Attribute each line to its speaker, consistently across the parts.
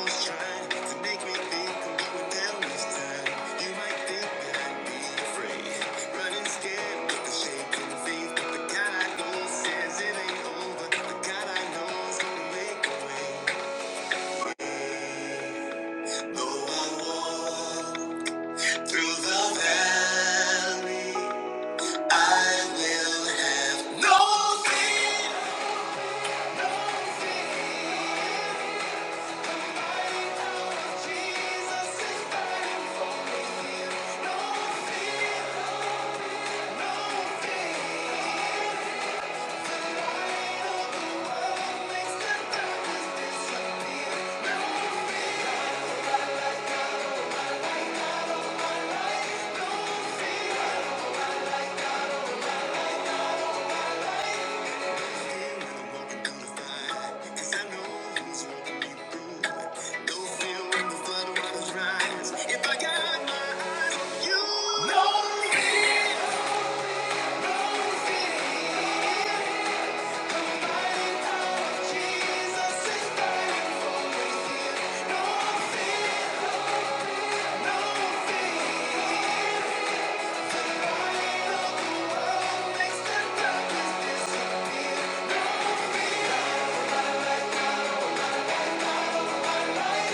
Speaker 1: No fear. If I got my eyes on you, no fear, no fear.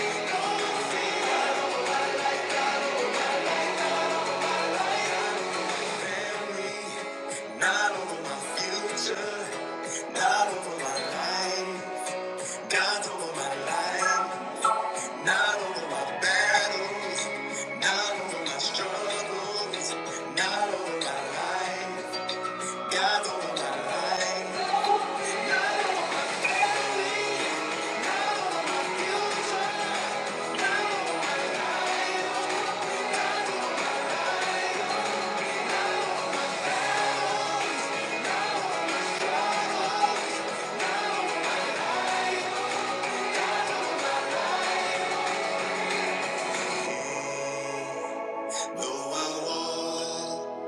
Speaker 1: Not over my future, not over my life, not over my life, not over my battles, not over my struggles, not over my life, God's over my life. Though I walk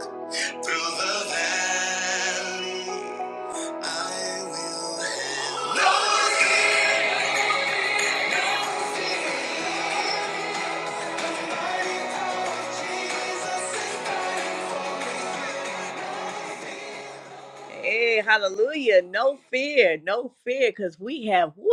Speaker 1: through the valley, I will have no Hey, hallelujah. No fear, no fear, because we have woo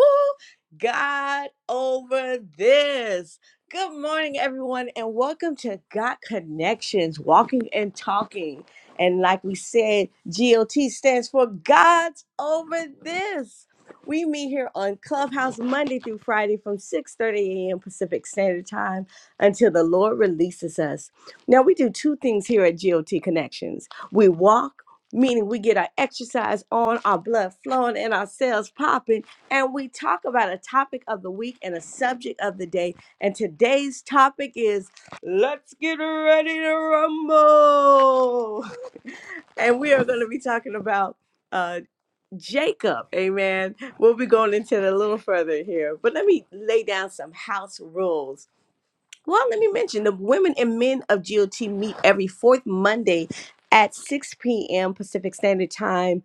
Speaker 1: God over this. Good morning, everyone, and welcome to God Connections, Walking and Talking. And like we said, GOT stands for God's over this. We meet here on Clubhouse Monday through Friday from 6:30 a.m. Pacific Standard Time until the Lord releases us. Now we do two things here at GOT Connections. We walk meaning we get our exercise on, our blood flowing, and our cells popping. And we talk about a topic of the week and a subject of the day. And today's topic is let's get ready to rumble. and we are going to be talking about uh Jacob. Amen. We'll be going into it a little further here, but let me lay down some house rules well, let me mention the women and men of GOT meet every fourth Monday at 6 p.m. Pacific Standard Time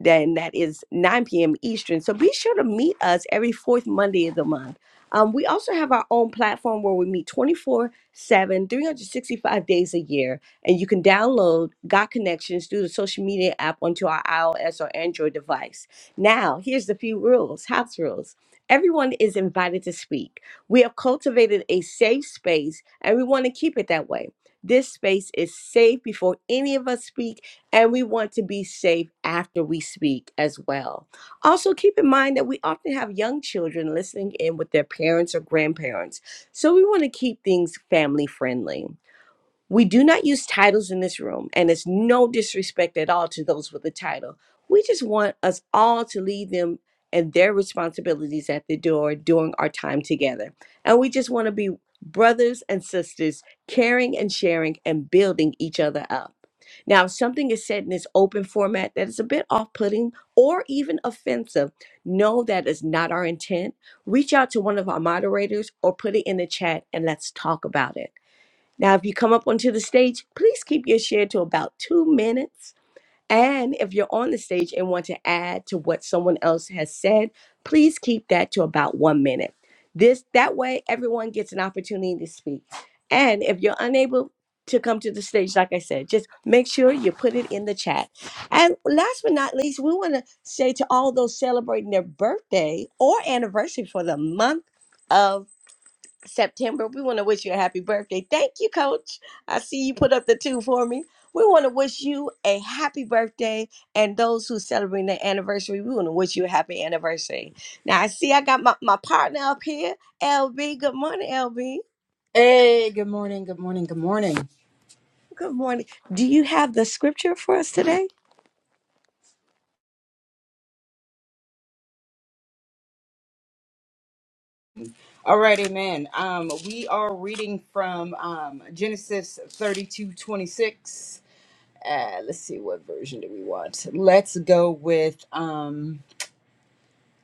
Speaker 1: then that is 9 p.m. Eastern. So be sure to meet us every fourth Monday of the month. Um, we also have our own platform where we meet 24 7, 365 days a year. And you can download God Connections through the social media app onto our iOS or Android device. Now, here's the few rules, house rules. Everyone is invited to speak. We have cultivated a safe space and we want to keep it that way. This space is safe before any of us speak and we want to be safe after we speak as well. Also, keep in mind that we often have young children listening in with their parents or grandparents. So we want to keep things family friendly. We do not use titles in this room, and it's no disrespect at all to those with a title. We just want us all to leave them and their responsibilities at the door during our time together. And we just want to be brothers and sisters, caring and sharing and building each other up. Now, if something is said in this open format that is a bit off putting or even offensive, know that is not our intent. Reach out to one of our moderators or put it in the chat and let's talk about it. Now, if you come up onto the stage, please keep your share to about two minutes. And if you're on the stage and want to add to what someone else has said, please keep that to about one minute. This that way everyone gets an opportunity to speak. And if you're unable to come to the stage, like I said, just make sure you put it in the chat. And last but not least, we want to say to all those celebrating their birthday or anniversary for the month of. September. We want to wish you a happy birthday. Thank you, Coach. I see you put up the two for me. We want to wish you a happy birthday, and those who celebrate their anniversary, we want to wish you a happy anniversary. Now, I see I got my, my partner up here, LB. Good morning, LB.
Speaker 2: Hey, good morning, good morning, good morning.
Speaker 1: Good morning. Do you have the scripture for us today?
Speaker 2: All right, amen. Um, we are reading from um, Genesis thirty-two twenty-six. Uh, let's see, what version do we want? Let's go with um,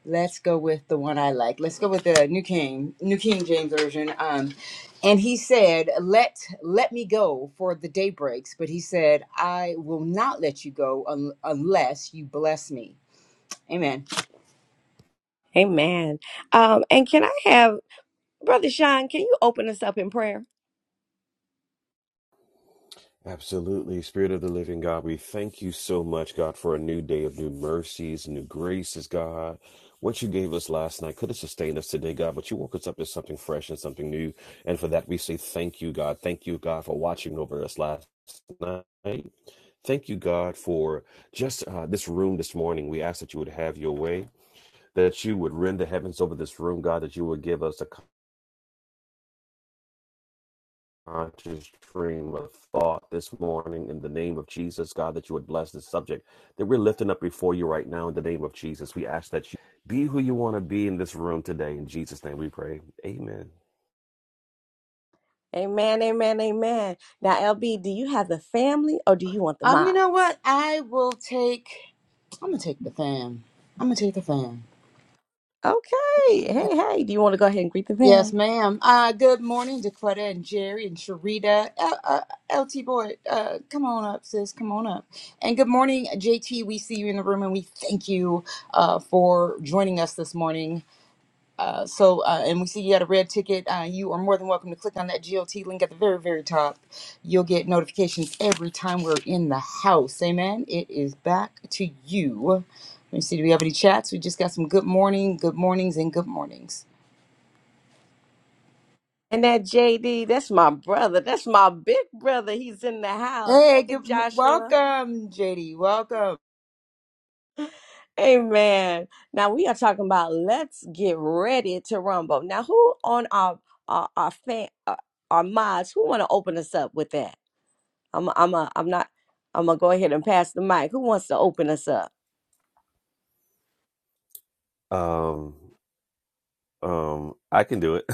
Speaker 2: let's go with the one I like. Let's go with the New King, New King James version. Um, and he said, "Let let me go, for the day breaks." But he said, "I will not let you go un- unless you bless me." Amen.
Speaker 1: Amen. Um, and can I have Brother Sean? Can you open us up in prayer?
Speaker 3: Absolutely. Spirit of the living God, we thank you so much, God, for a new day of new mercies, new graces, God. What you gave us last night could have sustained us today, God, but you woke us up to something fresh and something new. And for that, we say thank you, God. Thank you, God, for watching over us last night. Thank you, God, for just uh, this room this morning. We ask that you would have your way, that you would rend the heavens over this room, God, that you would give us a conscious stream of thought this morning in the name of Jesus, God, that you would bless this subject that we're lifting up before you right now in the name of Jesus. We ask that you be who you want to be in this room today. In Jesus' name we pray. Amen.
Speaker 1: Amen. Amen. Amen. Now, LB, do you have the family or do you want the
Speaker 2: Um, you know
Speaker 1: mods?
Speaker 2: what? I will take. I'm gonna take the fan. I'm gonna take the fan.
Speaker 1: Okay. Hey, hey. Do you want to go ahead and greet the
Speaker 2: Yes,
Speaker 1: fam?
Speaker 2: ma'am. Uh, good morning, Dequetta and Jerry and Sharita. Uh, uh, LT boy, uh, come on up, sis. Come on up. And good morning, JT. We see you in the room, and we thank you uh, for joining us this morning. Uh, so, uh, and we see you got a red ticket. Uh, you are more than welcome to click on that G O T link at the very, very top. You'll get notifications every time we're in the house. Amen. It is back to you. Let me see. Do we have any chats? We just got some good morning, good mornings, and good mornings.
Speaker 1: And that JD, that's my brother. That's my big brother. He's in the house.
Speaker 2: Hey,
Speaker 1: Hey,
Speaker 2: good m-
Speaker 1: Joshua.
Speaker 2: welcome, JD. Welcome.
Speaker 1: Amen. Now we are talking about let's get ready to rumble. Now, who on our our our fan our, our mods who want to open us up with that? I'm I'm a, I'm not I'm gonna go ahead and pass the mic. Who wants to open us up?
Speaker 3: Um, um, I can do it.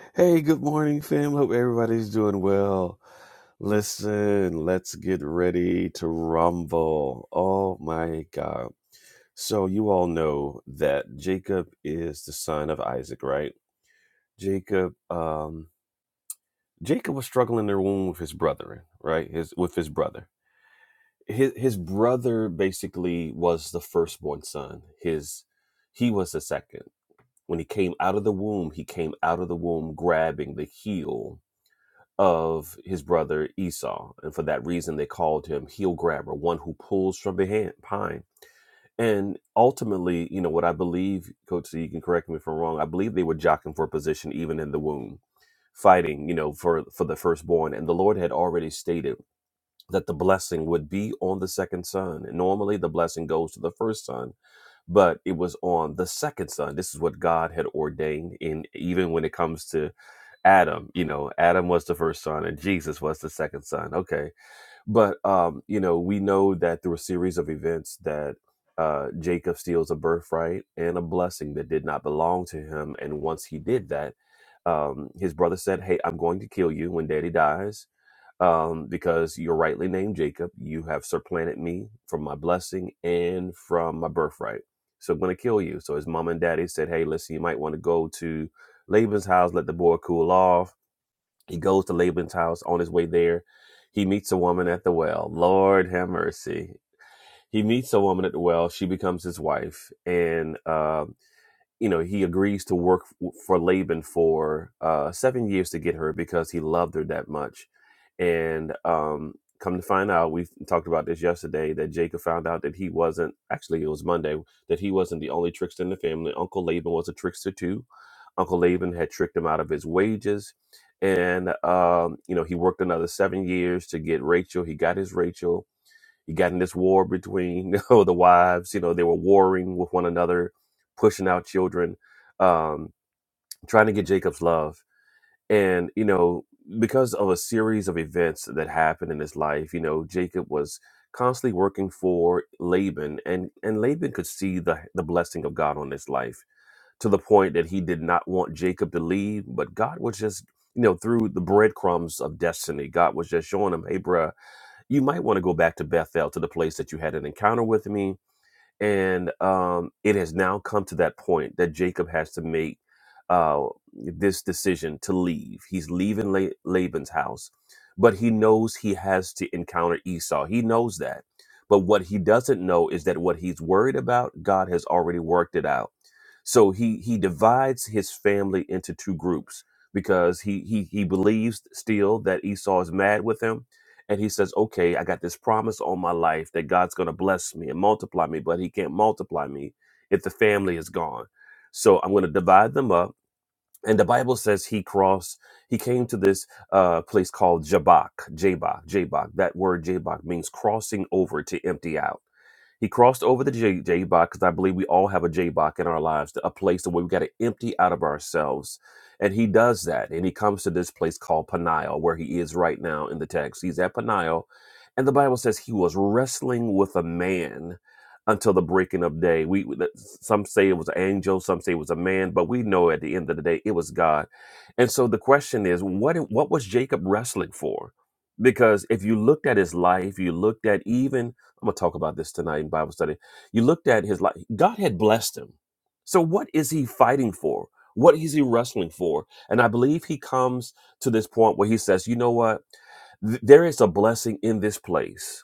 Speaker 3: hey, good morning, fam. Hope everybody's doing well. Listen, let's get ready to rumble. Oh my God. So, you all know that Jacob is the son of Isaac, right? Jacob um Jacob was struggling in the womb with his brethren, right? His with his brother. His his brother basically was the firstborn son. His he was the second. When he came out of the womb, he came out of the womb grabbing the heel of his brother Esau. And for that reason they called him heel grabber, one who pulls from behind behind. And ultimately, you know, what I believe, Coach, so you can correct me if I'm wrong, I believe they were jockeying for a position even in the womb fighting, you know, for for the firstborn. And the Lord had already stated that the blessing would be on the second son. And normally the blessing goes to the first son, but it was on the second son. This is what God had ordained in even when it comes to Adam, you know, Adam was the first son and Jesus was the second son. Okay but um, you know, we know that through a series of events that uh, Jacob steals a birthright and a blessing that did not belong to him. And once he did that, um, his brother said, "Hey, I'm going to kill you when Daddy dies." Um, because you're rightly named Jacob, you have supplanted me from my blessing and from my birthright. So I'm going to kill you. So his mom and daddy said, Hey, listen, you might want to go to Laban's house, let the boy cool off he goes to Laban's house on his way there. He meets a woman at the well. Lord have mercy. He meets a woman at the well. She becomes his wife. And um, you know, he agrees to work f- for Laban for uh, seven years to get her because he loved her that much. And um, come to find out, we talked about this yesterday that Jacob found out that he wasn't actually, it was Monday that he wasn't the only trickster in the family. Uncle Laban was a trickster too. Uncle Laban had tricked him out of his wages. And, um, you know, he worked another seven years to get Rachel. He got his Rachel you got in this war between you know, the wives. You know, they were warring with one another, pushing out children, um, trying to get Jacob's love. And you know, because of a series of events that happened in his life, you know, Jacob was constantly working for Laban, and and Laban could see the the blessing of God on his life to the point that he did not want Jacob to leave, but God was just you know through the breadcrumbs of destiny, God was just showing him, "Hey, bruh, you might want to go back to Bethel, to the place that you had an encounter with me. And um, it has now come to that point that Jacob has to make uh, this decision to leave. He's leaving La- Laban's house, but he knows he has to encounter Esau. He knows that. But what he doesn't know is that what he's worried about, God has already worked it out. So he he divides his family into two groups because he he he believes still that Esau is mad with him and he says, "Okay, I got this promise on my life that God's going to bless me and multiply me, but He can't multiply me if the family is gone. So I'm going to divide them up." And the Bible says he crossed. He came to this uh, place called Jabbok, Jabbok, Jabbok. That word Jabbok means crossing over to empty out. He crossed over the J J Bach because I believe we all have a J Bach in our lives, a place where we got to empty out of ourselves. And he does that. And he comes to this place called Peniel, where he is right now in the text. He's at Peniel. And the Bible says he was wrestling with a man until the breaking of day. We we- some say it was an angel, some say it was a man, but we know at the end of the day it was God. And so the question is, what what was Jacob wrestling for? Because if you looked at his life, you looked at even I'm going to talk about this tonight in Bible study. You looked at his life. God had blessed him. So what is he fighting for? What is he wrestling for? And I believe he comes to this point where he says, you know what? Th- there is a blessing in this place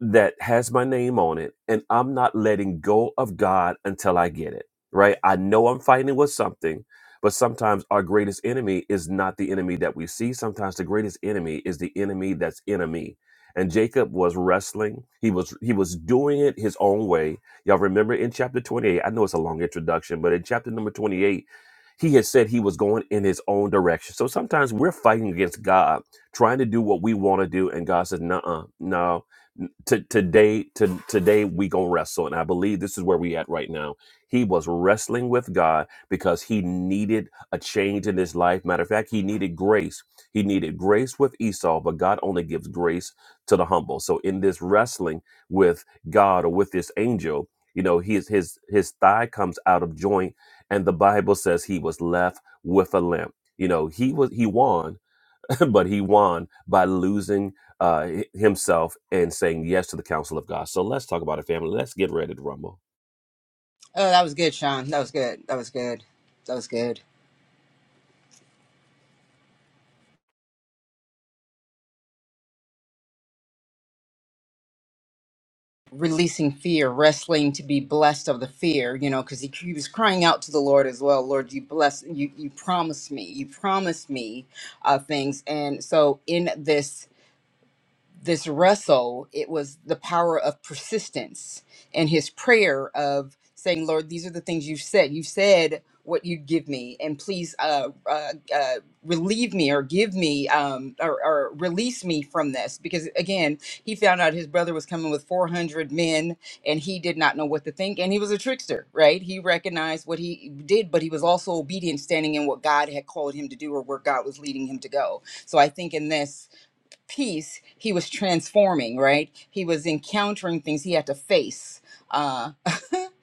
Speaker 3: that has my name on it and I'm not letting go of God until I get it, right? I know I'm fighting with something, but sometimes our greatest enemy is not the enemy that we see. Sometimes the greatest enemy is the enemy that's in me. And Jacob was wrestling. He was he was doing it his own way. Y'all remember in chapter 28, I know it's a long introduction, but in chapter number 28, he had said he was going in his own direction. So sometimes we're fighting against God, trying to do what we want to do, and God says, "Nuh-uh, no, to today to today we gonna wrestle and i believe this is where we at right now he was wrestling with god because he needed a change in his life matter of fact he needed grace he needed grace with esau but god only gives grace to the humble so in this wrestling with god or with this angel you know his his his thigh comes out of joint and the bible says he was left with a limp you know he was he won but he won by losing uh, himself and saying yes to the counsel of God. So let's talk about it, family. Let's get ready to rumble.
Speaker 2: Oh, that was good, Sean. That was good. That was good. That was good. releasing fear, wrestling to be blessed of the fear, you know, because he, he was crying out to the Lord as well. Lord, you bless, you you promised me, you promised me uh, things, and so in this this wrestle, it was the power of persistence and his prayer of saying, Lord, these are the things you've said. You said what you'd give me, and please uh, uh, uh, relieve me or give me um, or, or release me from this. Because again, he found out his brother was coming with 400 men and he did not know what to think. And he was a trickster, right? He recognized what he did, but he was also obedient, standing in what God had called him to do or where God was leading him to go. So I think in this, piece, he was transforming, right? He was encountering things he had to face. Uh,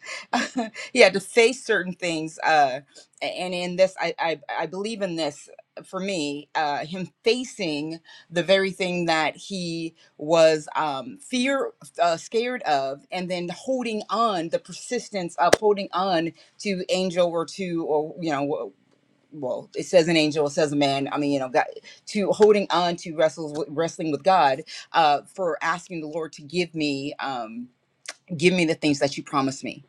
Speaker 2: he had to face certain things. Uh, and in this, I, I, I believe in this for me, uh, him facing the very thing that he was um, fear, uh, scared of, and then holding on, the persistence of holding on to Angel or to, or, you know, well, it says an angel, it says a man. I mean, you know, God, to holding on to wrestles wrestling with God uh, for asking the Lord to give me. Um, give me the things that you promised me.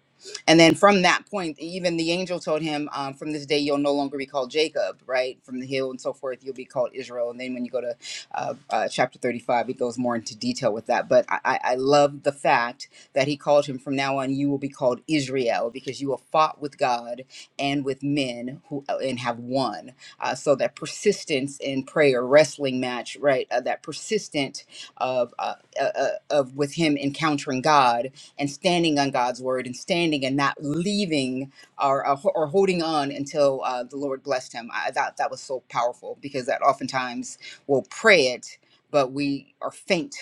Speaker 2: And then from that point, even the angel told him, um, from this day, you'll no longer be called Jacob, right? From the hill and so forth, you'll be called Israel. And then when you go to uh, uh, chapter 35, it goes more into detail with that. But I, I I love the fact that he called him from now on, you will be called Israel because you have fought with God and with men who and have won. Uh, so that persistence in prayer, wrestling match, right? Uh, that persistent of uh, uh, uh, of with him encountering God and standing on God's word and standing and not leaving or or, or holding on until uh, the Lord blessed him. I thought that was so powerful because that oftentimes we'll pray it, but we are faint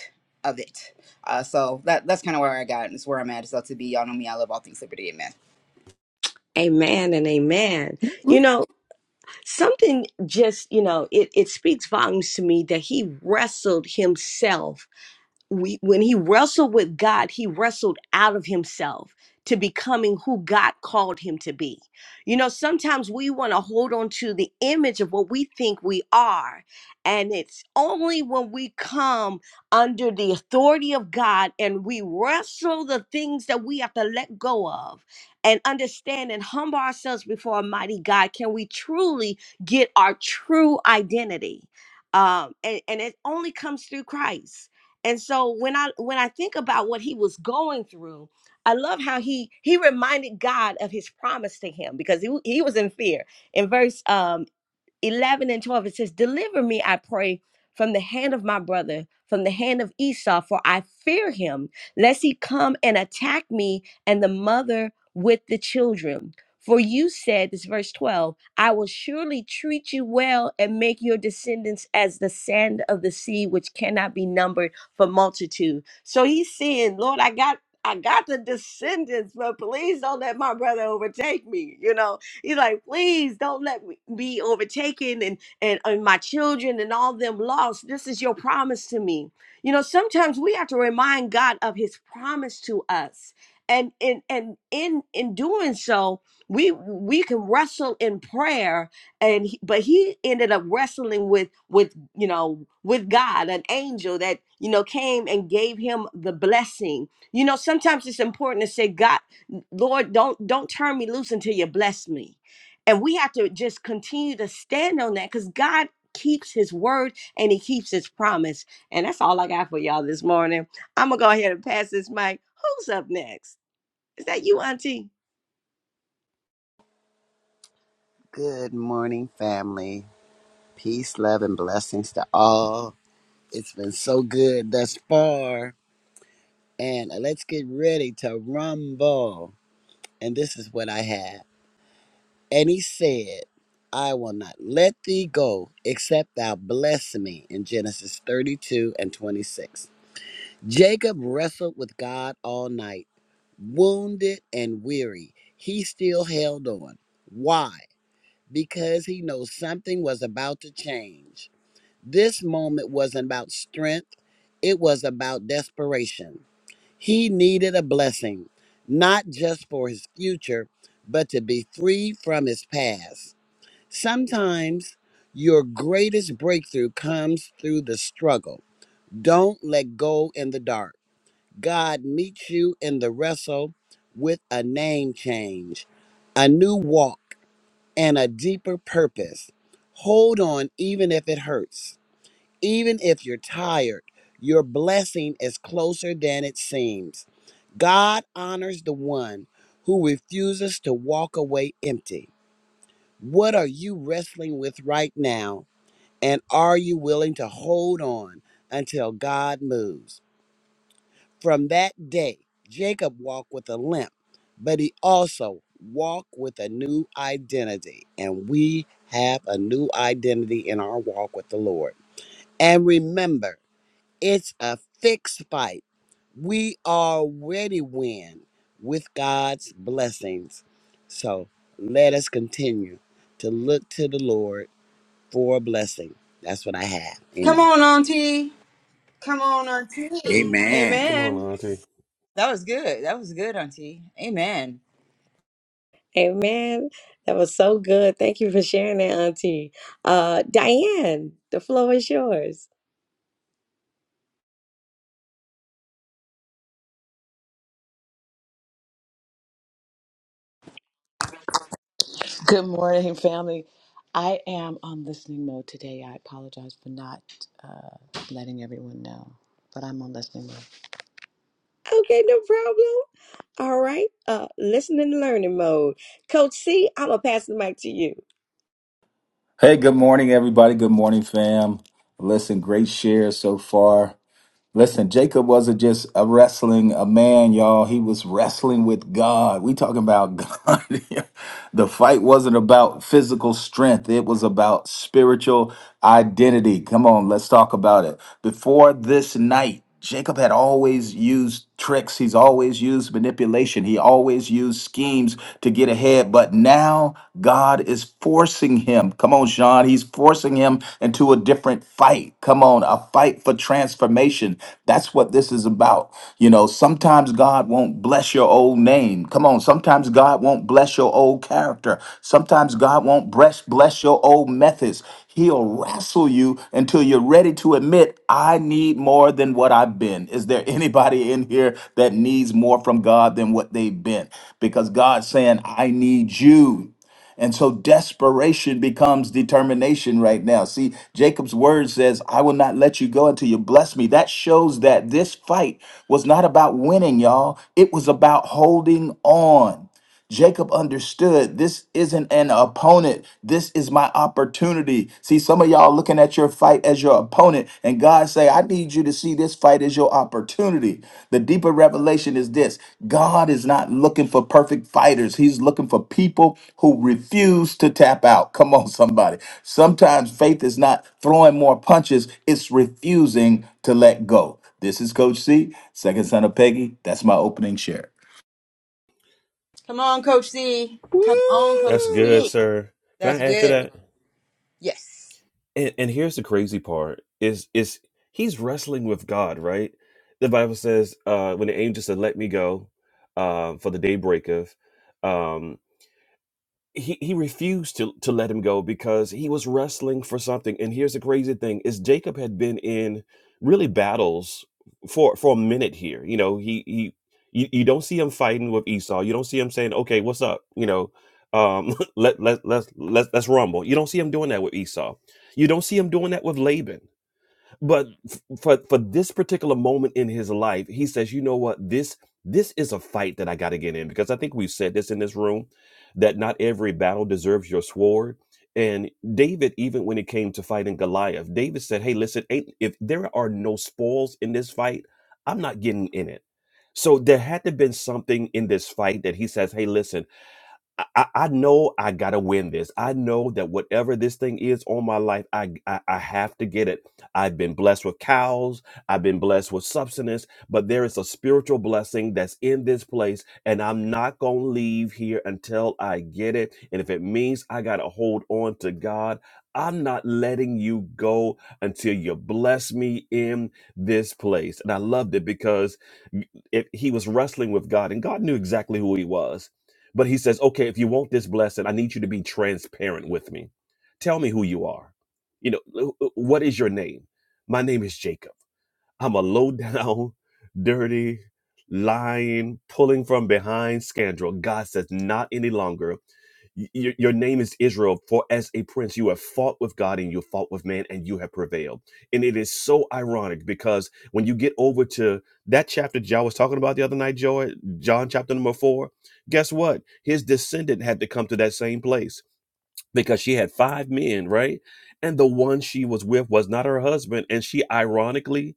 Speaker 2: of it. Uh, so that that's kind of where I got and it's where I'm at. It's up to be y'all know me. I love all things liberty. Amen.
Speaker 1: Amen and amen. You know. something just you know it, it speaks volumes to me that he wrestled himself we, when he wrestled with God, he wrestled out of himself to becoming who God called him to be. You know, sometimes we want to hold on to the image of what we think we are. And it's only when we come under the authority of God and we wrestle the things that we have to let go of and understand and humble ourselves before a mighty God can we truly get our true identity. Um, and, and it only comes through Christ and so when I when I think about what he was going through, I love how he he reminded God of his promise to him because he, w- he was in fear. In verse um 11 and 12, it says, Deliver me, I pray, from the hand of my brother, from the hand of Esau, for I fear him, lest he come and attack me and the mother with the children. For you said, this is verse 12, I will surely treat you well and make your descendants as the sand of the sea, which cannot be numbered for multitude. So he's saying, Lord, I got I got the descendants, but please don't let my brother overtake me, you know. He's like, please don't let me be overtaken and, and, and my children and all them lost. This is your promise to me. You know, sometimes we have to remind God of his promise to us. And in and in in doing so, we we can wrestle in prayer and he, but he ended up wrestling with with you know with God an angel that you know came and gave him the blessing you know sometimes it's important to say God Lord, don't don't turn me loose until you bless me. And we have to just continue to stand on that because God keeps his word and he keeps his promise. And that's all I got for y'all this morning. I'm gonna go ahead and pass this mic. Who's up next? Is that you, Auntie?
Speaker 4: Good morning, family. Peace, love, and blessings to all. It's been so good thus far. And uh, let's get ready to rumble. And this is what I have. And he said, I will not let thee go except thou bless me in Genesis 32 and 26. Jacob wrestled with God all night, wounded and weary. He still held on. Why? Because he knows something was about to change. This moment wasn't about strength, it was about desperation. He needed a blessing, not just for his future, but to be free from his past. Sometimes your greatest breakthrough comes through the struggle. Don't let go in the dark. God meets you in the wrestle with a name change, a new walk, and a deeper purpose. Hold on, even if it hurts even if you're tired, your blessing is closer than it seems. God honors the one who refuses to walk away empty. What are you wrestling with right now? And are you willing to hold on until God moves? From that day, Jacob walked with a limp, but he also walked with a new identity. And we have a new identity in our walk with the Lord. And remember, it's a fixed fight. We already win with God's blessings. So let us continue to look to the Lord for a blessing. That's what I have.
Speaker 2: Come
Speaker 4: Amen.
Speaker 2: on, Auntie. Come on, Auntie.
Speaker 5: Amen.
Speaker 3: Come on,
Speaker 2: Amen.
Speaker 3: Auntie.
Speaker 2: That was good. That was good, Auntie. Amen.
Speaker 1: Amen. That was so good. Thank you for sharing that, Auntie. Uh, Diane, the floor is yours. Okay, no problem. All right. Uh, listen and learning mode. Coach C, I'm gonna pass the mic to you.
Speaker 6: Hey, good morning, everybody. Good morning, fam. Listen, great share so far. Listen, Jacob wasn't just a wrestling a man, y'all. He was wrestling with God. We talking about God. here. the fight wasn't about physical strength. It was about spiritual identity. Come on, let's talk about it. Before this night. Jacob had always used tricks. He's always used manipulation. He always used schemes to get ahead. But now God is forcing him. Come on, Sean. He's forcing him into a different fight. Come on, a fight for transformation. That's what this is about. You know, sometimes God won't bless your your old name. Come on, sometimes God won't bless your old character. Sometimes God won't bless bless your old methods. He'll wrestle you until you're ready to admit, I need more than what I've been. Is there anybody in here that needs more from God than what they've been? Because God's saying, I need you. And so desperation becomes determination right now. See, Jacob's word says, I will not let you go until you bless me. That shows that this fight was not about winning, y'all. It was about holding on. Jacob understood this isn't an opponent. This is my opportunity. See, some of y'all looking at your fight as your opponent, and God say, I need you to see this fight as your opportunity. The deeper revelation is this God is not looking for perfect fighters, He's looking for people who refuse to tap out. Come on, somebody. Sometimes faith is not throwing more punches, it's refusing to let go. This is Coach C, second son of Peggy. That's my opening share.
Speaker 2: Come on, Coach C. Come on, Coach
Speaker 3: That's good,
Speaker 2: C.
Speaker 5: Woo!
Speaker 3: sir. Can
Speaker 2: That's
Speaker 3: I add to
Speaker 2: good.
Speaker 3: that?
Speaker 2: Yes.
Speaker 3: And, and here's the crazy part: is is he's wrestling with God, right? The Bible says, uh, when the angel said, "Let me go," uh, for the day breaketh. he, he refused to, to let him go because he was wrestling for something. And here's the crazy thing is Jacob had been in really battles for for a minute here. You know, he he you, you don't see him fighting with Esau. You don't see him saying, Okay, what's up? You know, um let let let's let's let's rumble. You don't see him doing that with Esau. You don't see him doing that with Laban but f- for for this particular moment in his life he says you know what this this is a fight that i got to get in because i think we've said this in this room that not every battle deserves your sword and david even when it came to fighting goliath david said hey listen ain't, if there are no spoils in this fight i'm not getting in it so there had to have been something in this fight that he says hey listen I, I know I gotta win this. I know that whatever this thing is on my life, I, I I have to get it. I've been blessed with cows. I've been blessed with substance, but there is a spiritual blessing that's in this place, and I'm not gonna leave here until I get it. And if it means I gotta hold on to God, I'm not letting you go until you bless me in this place. And I loved it because if he was wrestling with God, and God knew exactly who he was but he says, okay, if you want this blessing, I need you to be transparent with me. Tell me who you are. You know, what is your name? My name is Jacob. I'm a low down, dirty, lying, pulling from behind scoundrel. God says, not any longer. Y- Your, your name is Israel, for as a prince, you have fought with God and you have fought with man and you have prevailed. And it is so ironic because when you get over to that chapter John was talking about the other night, Joy, John chapter number four, guess what? His descendant had to come to that same place because she had five men, right? And the one she was with was not her husband. And she ironically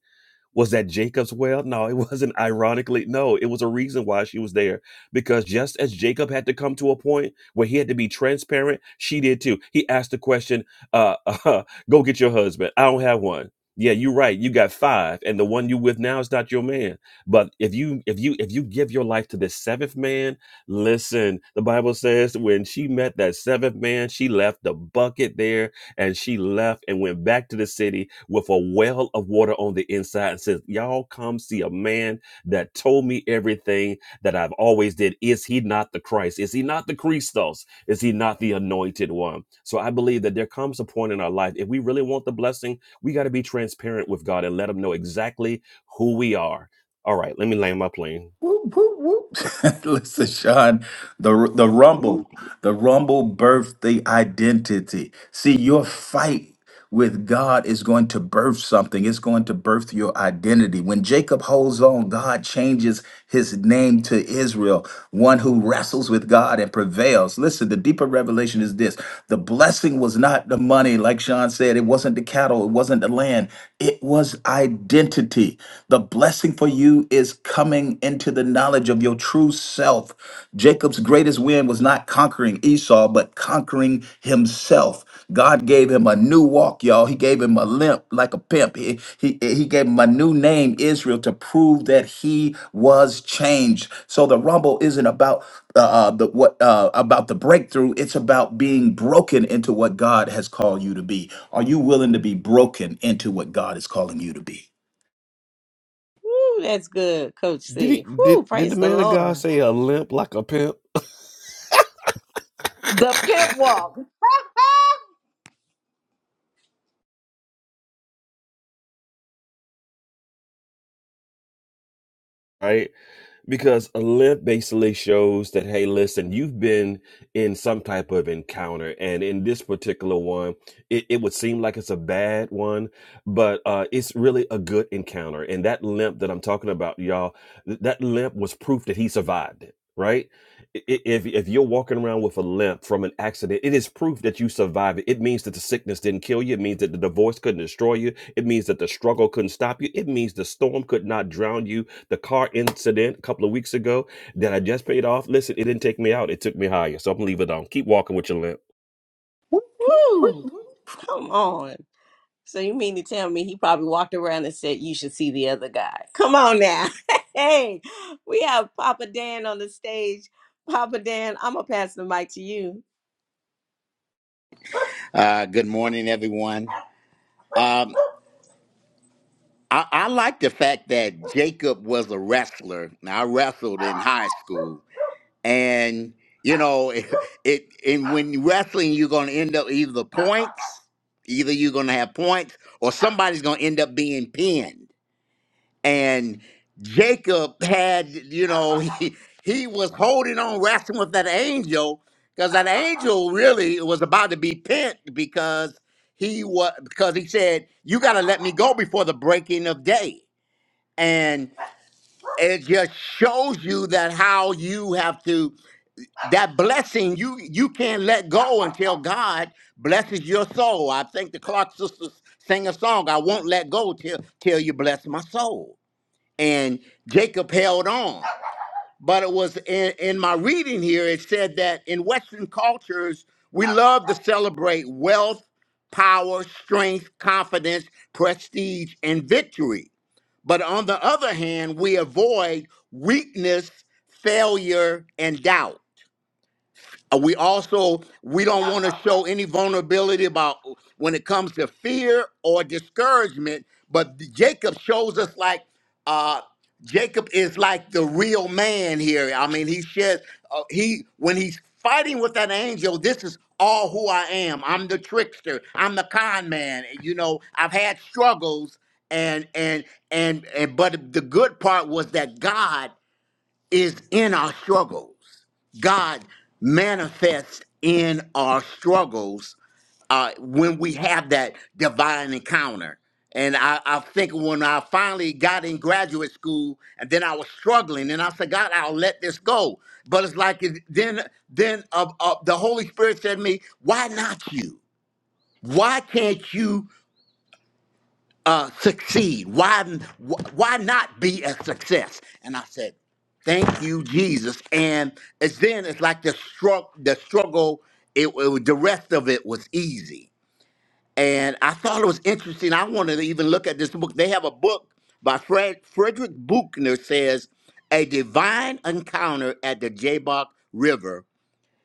Speaker 3: was that Jacob's well? No, it wasn't ironically. No, it was a reason why she was there. Because just as Jacob had to come to a point where he had to be transparent, she did too. He asked the question, uh, uh go get your husband. I don't have one. Yeah, you're right. You got five, and the one you with now is not your man. But if you if you if you give your life to this seventh man, listen, the Bible says when she met that seventh man, she left the bucket there and she left and went back to the city with a well of water on the inside and says, Y'all come see a man that told me everything that I've always did. Is he not the Christ? Is he not the Christos? Is he not the anointed one? So I believe that there comes a point in our life, if we really want the blessing, we got to be transparent with God and let him know exactly who we are. All right, let me land my plane.
Speaker 6: Whoop, whoop, whoop. Listen, Sean, the the
Speaker 5: Woo.
Speaker 6: rumble, the rumble birthed the identity. See, your fight with God is going to birth something. It's going to birth your identity. When Jacob holds on, God changes his name to Israel, one who wrestles with God and prevails. Listen, the deeper revelation is this. The blessing was not the money, like Sean said, it wasn't the cattle, it wasn't the land. It was identity. The blessing blessing for you is coming into the knowledge of your true self. Jacob's greatest win was not conquering Esau, but conquering himself. God gave him a new walk, y'all. He gave him a limp like a pimp. He, he, he gave him a new name, Israel, to prove that he was changed. So the rumble isn't about uh, uh, the what uh, about the breakthrough. It's about being broken into what God has called you to be. Are you willing to be broken into what God is calling you to be?
Speaker 1: Woo, that's good, Coach
Speaker 3: Did he
Speaker 1: C. Woo,
Speaker 3: did did the
Speaker 1: praise the
Speaker 3: man of God
Speaker 1: Lord.
Speaker 3: say a limp like a pimp? Right. because a limp basically shows that hey listen you've been in some type of encounter and in this particular one it, it would seem like it's a bad one but uh, it's really a good encounter and that limp that i'm talking about y'all th- that limp was proof that he survived it right I- i- if, if you're walking around with a limp from an accident it is proof that you survived it it means that the sickness didn't kill you it means that the divorce couldn't destroy you it means that the struggle couldn't stop you it means the storm could not drown you the car incident a couple of weeks ago that I just paid off. Listen, it didn't take me out. It took me higher. So I'm gonna leave it on. Keep walking with your limp.
Speaker 1: Woo, come on. So you mean to tell me he probably walked around and said, you should see the other guy. Come on now. hey, we have Papa Dan on the stage. Papa Dan, I'm going to pass the mic to you.
Speaker 5: Uh, good morning, everyone. Um, I, I like the fact that Jacob was a wrestler. Now, I wrestled in high school, and you know, it, it and when you wrestling, you're going to end up either points, either you're going to have points, or somebody's going to end up being pinned. and Jacob had, you know, he, he was holding on, wrestling with that angel, because that angel really was about to be pent because he was because he said, "You got to let me go before the breaking of day." And it just shows you that how you have to that blessing you you can't let go until God blesses your soul. I think the Clark sisters sing a song. I won't let go till till you bless my soul and Jacob held on. But it was in, in my reading here, it said that in Western cultures, we love to celebrate wealth, power, strength, confidence, prestige, and victory. But on the other hand, we avoid weakness, failure, and doubt. Uh, We also we don't want to show any vulnerability about uh, when it comes to fear or discouragement. But Jacob shows us like uh, Jacob is like the real man here. I mean, he says uh, he when he's fighting with that angel, this is all who I am. I'm the trickster. I'm the con man. You know, I've had struggles, and and and and. But the good part was that God is in our struggles. God manifests in our struggles uh, when we have that divine encounter. And I, I think when I finally got in graduate school, and then I was struggling, and I said, God, I'll let this go. But it's like it- then, then uh, uh, the Holy Spirit said to me, Why not you? Why can't you? uh, succeed? Why, why not be a success? And I said, thank you, Jesus. And it's then it's like the struggle, the struggle, it, it- the rest of it was easy. And I thought it was interesting. I wanted to even look at this book. They have a book by Fred, Frederick Buchner says, A Divine Encounter at the Jabbok River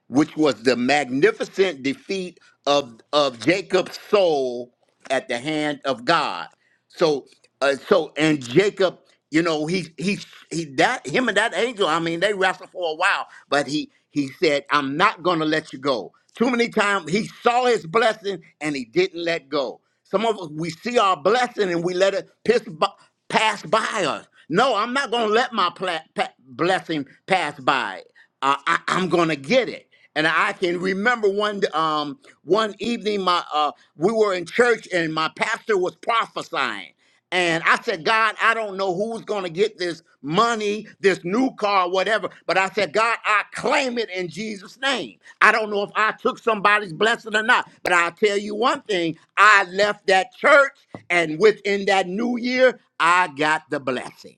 Speaker 5: which was the magnificent defeat of of Jacob's soul at the hand of God. So, uh, so and Jacob, you know, he he he that him and that angel. I mean, they wrestled for a while, but he he said, "I'm not going to let you go." Too many times he saw his blessing and he didn't let go. Some of us, we see our blessing and we let it piss, b- pass by us. No, I'm not going to let my pla- pa- blessing pass by. Uh, I, I'm going to get it. And I can remember one um, one evening, my uh, we were in church and my pastor was prophesying. And I said, God, I don't know who's going to get this money, this new car, whatever. But I said, God, I claim it in Jesus' name. I don't know if I took somebody's blessing or not. But I'll tell you one thing I left that church, and within that new year, I got the blessing.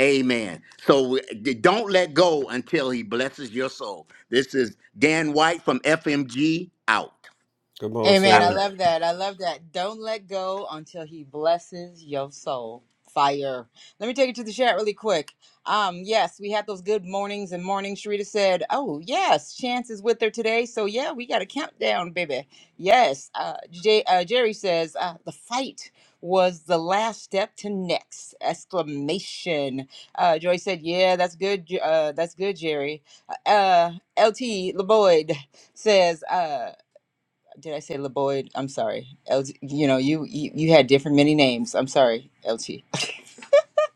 Speaker 5: Amen. So d- don't let go until he blesses your soul. This is Dan White from FMG out.
Speaker 3: Come on,
Speaker 2: Amen. I
Speaker 5: God
Speaker 3: sir.
Speaker 5: bless.
Speaker 2: love that. I love that. Don't let go until he blesses your soul. Fire. Let me take it to the chat really quick. Um, yes, we had those good mornings and mornings. Sharita said, Oh, yes, Chance is with her today. So, yeah, we got a countdown, baby. Yes. Uh, J- uh, Jerry says, uh, The fight was the last step to next exclamation uh joy said yeah that's good J- uh that's good jerry uh lt leboyd says uh, did I say LeBoyd? I'm sorry. LG, you know, you, you you had different many names. I'm sorry, LT.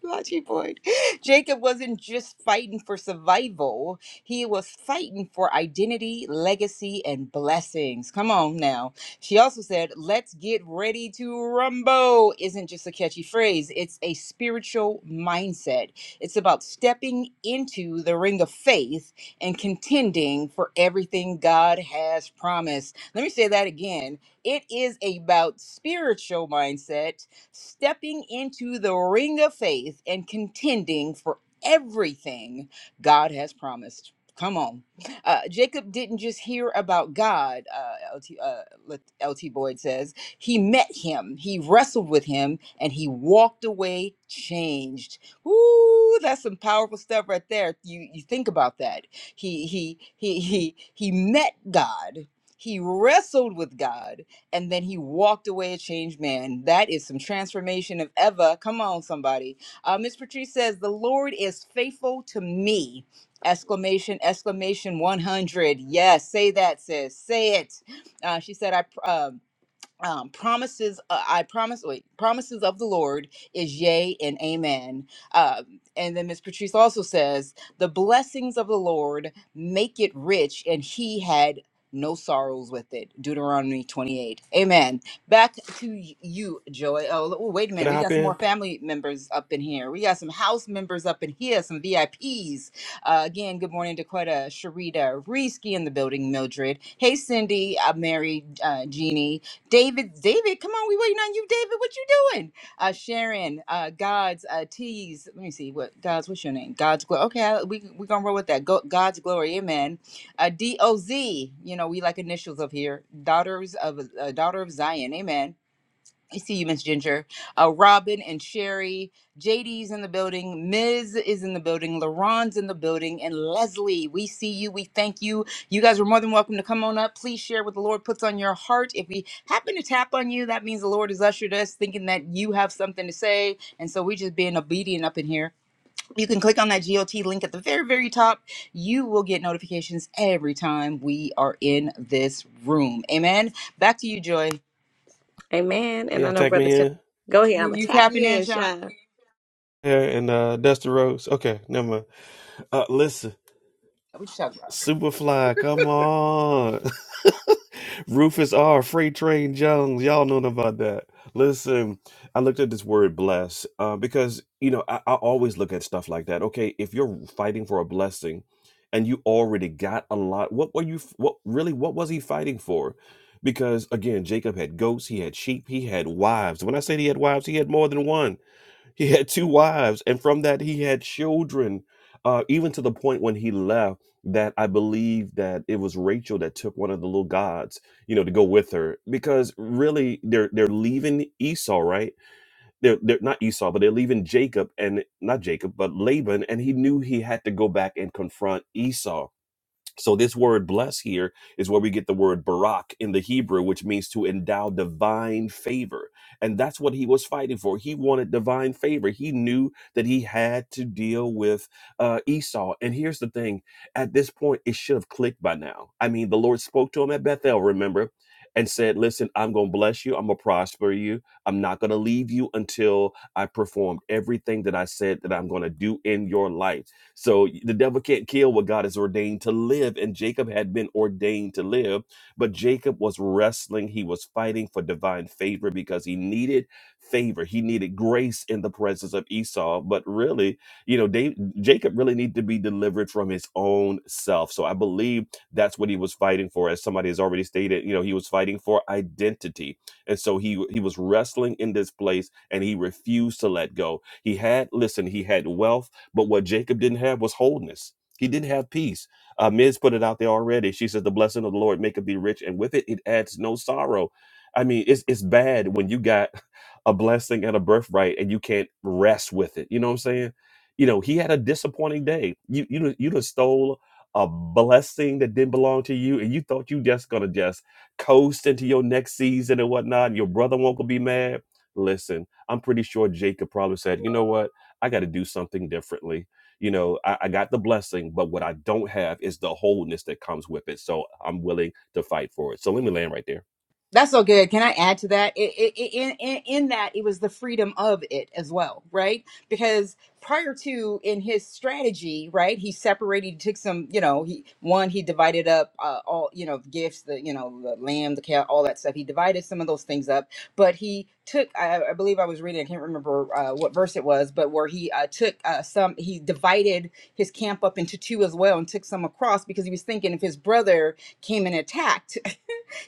Speaker 2: Lachi Boyd. Jacob wasn't just fighting for survival, he was fighting for identity, legacy, and blessings. Come on now. She also said, Let's get ready to rumble isn't just a catchy phrase, it's a spiritual mindset. It's about stepping into the ring of faith and contending for everything God has promised. Let me say that again. It is about spiritual mindset stepping into the ring of faith and contending for everything God has promised. Come on. Uh, Jacob didn't just hear about God, uh, LT, uh, Lat- LT Boyd says. He met him, he wrestled with him, and he walked away changed. Ooh, that's some powerful stuff right there. You, you think about that. He, he, he, he, he met God, he wrestled with God, and then he walked away a changed man. That is some transformation of ever. Come on, somebody. Uh, Miss Patrice says, The Lord is faithful to me. Exclamation, exclamation 100. Yes, say that, sis. Say it. Uh, she said, I. Uh, um, promises uh, i promise wait promises of the lord is yea and amen um, and then miss patrice also says the blessings of the lord make it rich and he had no sorrows with it deuteronomy 28 amen back to y- you joy oh, oh wait a
Speaker 3: Can
Speaker 2: minute
Speaker 3: I
Speaker 2: we
Speaker 3: hop
Speaker 2: got some more
Speaker 3: in?
Speaker 2: family members up in here we got some house members up in here some vips uh, again good morning dakota sharita Reski in the building mildred hey cindy uh, mary uh, jeannie David, David, come on, we waiting on you, David. What you doing? Uh, Sharon, uh, God's uh, tease. Let me see what God's. What's your name? God's glory. Okay, I, we we gonna roll with that. Go, God's glory, amen. Uh, D O Z. You know we like initials up here. Daughters of uh, daughter of Zion, amen. I see you, Miss Ginger. Uh, Robin and Sherry. JD's in the building. Miz is in the building. LaRon's in the building. And Leslie, we see you. We thank you. You guys are more than welcome to come on up. Please share what the Lord puts on your heart. If we happen to tap on you, that means the Lord has ushered us thinking that you have something to say. And so we're just being obedient up in here. You can click on that GOT link at the very, very top. You will get notifications every time we are in this room. Amen. Back to you, Joy.
Speaker 1: Amen.
Speaker 3: Can
Speaker 1: And I
Speaker 3: y'all
Speaker 1: know
Speaker 3: tag
Speaker 1: Brother
Speaker 3: me
Speaker 1: Sean.
Speaker 3: in?
Speaker 1: Go ahead.
Speaker 2: You,
Speaker 1: I'm going to
Speaker 2: you
Speaker 1: tap
Speaker 2: tapping
Speaker 1: you
Speaker 2: in,
Speaker 1: in,
Speaker 2: Sean?
Speaker 1: Sean.
Speaker 3: Yeah, and uh dust the roads. Okay, never mind. Uh listen.
Speaker 2: What you talking about?
Speaker 3: Superfly, come on. Rufus R. Freight Train Jones. Y'all know about that. Listen, I looked at this word bless uh, because, you know, I, I always look at stuff like that. Okay, if you're fighting for a blessing and you already got a lot, what were you, f- what really, what was he fighting for? Because again, Jacob had goats, he had sheep, he had wives. When I say he had wives, he had more than one he had two wives, and from that he had children, uh, even to the point when he left. That I believe that it was Rachel that took one of the little gods, you know, to go with her, because really they're they're leaving Esau, right? They're they're not Esau, but they're leaving Jacob and not Jacob, but Laban, and he knew he had to go back and confront Esau. So this word bless here is where we get the word barak in the Hebrew, which means to endow divine favor. And that's what he was fighting for. He wanted divine favor. He knew that he had to deal with uh, Esau. And here's the thing. At this point, it should have clicked by now. I mean, the Lord spoke to him at Bethel, remember? And said, Listen, I'm going to bless you. I'm going to prosper you. I'm not going to leave you until I performed everything that I said that I'm going to do in your life. So the devil can't kill what God has ordained to live. And Jacob had been ordained to live, but Jacob was wrestling. He was fighting for divine favor because he needed favor. He needed grace in the presence of Esau. But really, you know, Da- Jacob really needed to be delivered from his own self. So I believe that's what he was fighting for. As somebody has already stated, you know, he was fighting for identity. And so he he was wrestling in this place and he refused to let go. He had, listen, he had wealth but what Jacob didn't have was wholeness. He didn't have peace. Uh, Miz put it out there already. She says, The blessing of the Lord maketh thee rich, and with it, it adds no sorrow. I mean, it's, it's bad when you got a blessing and a birthright and you can't rest with it. You know what I'm saying? You know, he had a disappointing day. You, you, done- you just stole a blessing that didn't belong to you, and you thought you just gonna just coast into your next season and whatnot. and Your brother won't gonna be mad. Listen, I'm pretty sure Jacob probably said, you know what? I got to do something differently. You know, I, I got the blessing, but what I don't have is the wholeness that comes with it. So I'm willing to fight for it. So let me land right there.
Speaker 2: That's so good. Can I add to that? It, it, it, in, in in that, it was the freedom of it as well, right? Because prior to in his strategy, right, he separated, he took some, you know, he one he divided up uh, all, you know, gifts, the you know, the lamb, the cow, all that stuff. He divided some of those things up, but he took. I, I believe I was reading. I can't remember uh, what verse it was, but where he uh, took uh, some, he divided his camp up into two as well, and took some across because he was thinking if his brother came and attacked.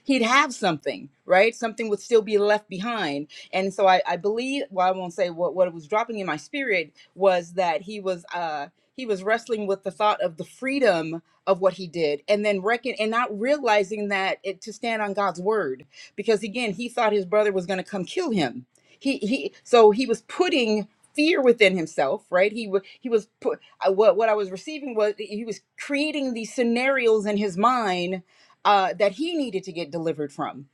Speaker 2: he'd have something, right? Something would still be left behind. And so I, I believe, well, I won't say what, what was dropping in my spirit was that he was, uh, he was wrestling with the thought of the freedom of what he did and then reckon and not realizing that it to stand on God's word because again he thought his brother was going to come kill him he he so he was putting fear within himself right he wa- he was put I- what what I was receiving was that he was creating these scenarios in his mind uh, that he needed to get delivered from.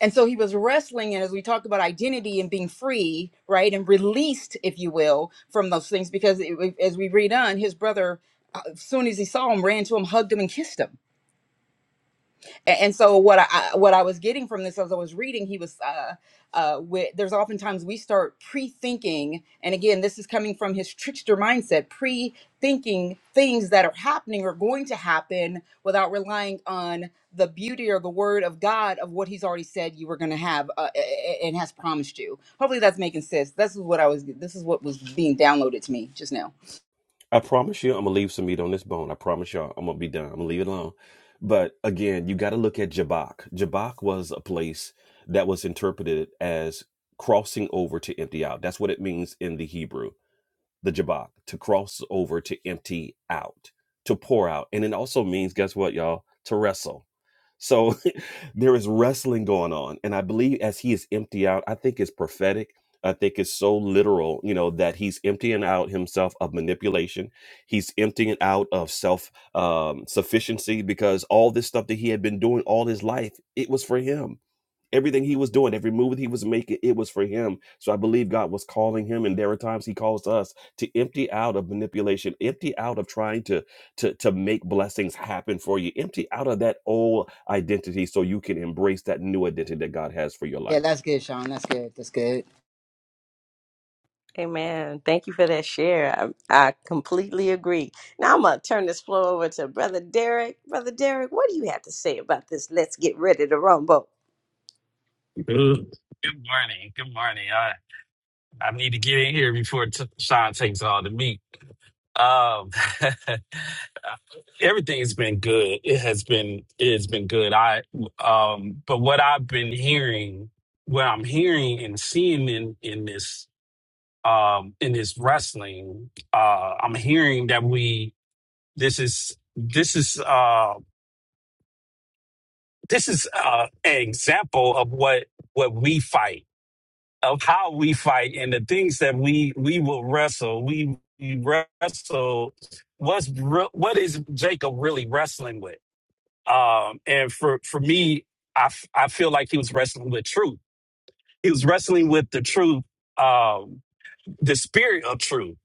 Speaker 2: And so he was wrestling, and as we talk about identity and being free, right, and released, if you will, from those things, because it, as we read on, his brother, uh, as soon as he saw him, ran to him, hugged him, and kissed him A- and so what I what I was getting from this as I was reading, he was uh, uh, with, there's oftentimes we start pre-thinking, and again, this is coming from his trickster mindset, pre-thinking things that are happening or going to happen without relying on the beauty or the word of God of what He's already said you were going to have uh, a- a- and has promised you. Hopefully, that's making sense. This is what I was. This is what was being downloaded to me just now.
Speaker 3: I promise you, I'm gonna leave some meat on this bone. I promise y'all, I'm gonna be done. I'm gonna leave it alone. But again, you got to look at Jabbok. Jabbok was a place that was interpreted as crossing over to empty out. That's what it means in the Hebrew. the jabak, to cross over, to empty out, to pour out. And it also means, guess what, y'all? To wrestle. So there is wrestling going on. And I believe as he is empty out, I think it's prophetic. I think it's so literal, you know, that he's emptying out himself of manipulation. He's emptying out of self um, sufficiency because all this stuff that he had been doing all his life, it was for him Everything he was doing, every move that he was making, it was for him. So I believe God was calling him, and there are times he calls us to empty out of manipulation, empty out of trying to to to make blessings happen for you, empty out of that old identity so you can embrace that new identity that God has for your
Speaker 2: Yeah,
Speaker 3: life.
Speaker 2: that's good, Sean. That's good. That's good.
Speaker 1: Amen. Thank you for that share. I, I completely agree. Now I'm going to turn this floor over to Brother Derek. Brother Derek, what do you have to say about this? Let's get ready to rumble.
Speaker 7: Good morning. Good morning. I, I need to get in here before t- Sean takes all the meat. Um, everything's been good. It has been it's been good. I um, but what I've been hearing, what I'm hearing and seeing in in this um in this wrestling, uh, I'm hearing that we this is this is uh this is uh an example of what what we fight of how we fight and the things that we we will wrestle. We, we wrestle. What's re- what is Jacob really wrestling with? Um, and for for me, I f- I feel like he was wrestling with truth. He was wrestling with the truth, um, the spirit of truth,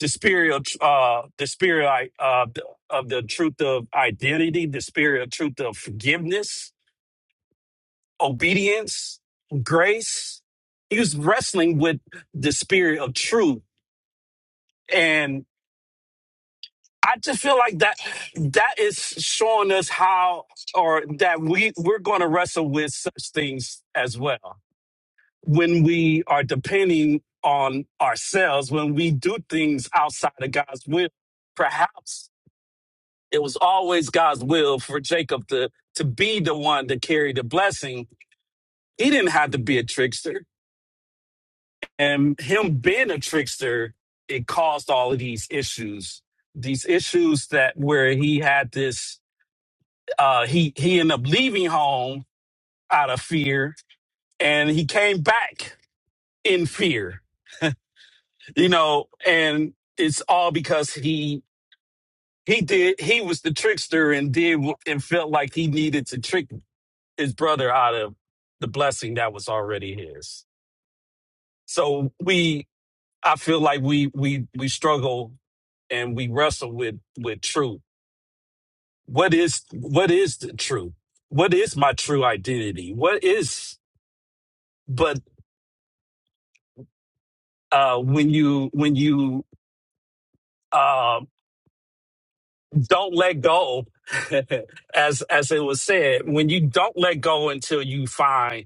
Speaker 7: the spirit of tr- uh, the spirit I- uh, the- of the truth of identity, the spirit of truth of forgiveness, obedience, grace. He was wrestling with the spirit of truth And I just feel like that that is showing us how or that we we're going to wrestle with such things as well when we are depending on ourselves when we do things outside of God's will perhaps it was always God's will for Jacob to to be the one to carry the blessing he didn't have to be a trickster and him being a trickster it caused all of these issues these issues that where he had this uh, he he ended up leaving home out of fear, and he came back in fear. You know, and it's all because he he did he was the trickster and did wh- and felt like he needed to trick his brother out of the blessing that was already his. So we, I feel like we we we struggle and we wrestle with with truth. What is what is the truth? What is my true identity? What is but uh, when you when you uh, don't let go, as as it was said, when you don't let go until you find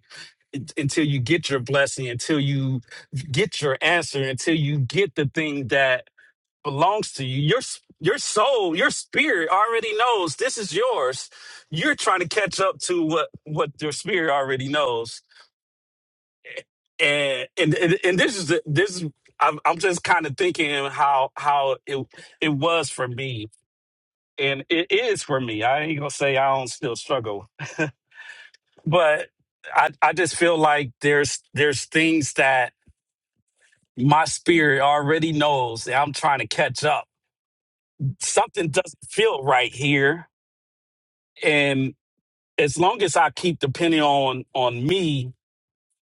Speaker 7: until you get your blessing, until you get your answer, until you get the thing that belongs to you. Your s- your soul, your spirit already knows this is yours. You're trying to catch up to what what your spirit already knows. and and and and this is the- this is I'm, I'm just kind of thinking how how it it was for me and it is for me i ain't gonna say i don't still struggle but i i just feel like there's there's things that my spirit already knows that i'm trying to catch up something doesn't feel right here and as long as i keep depending on on me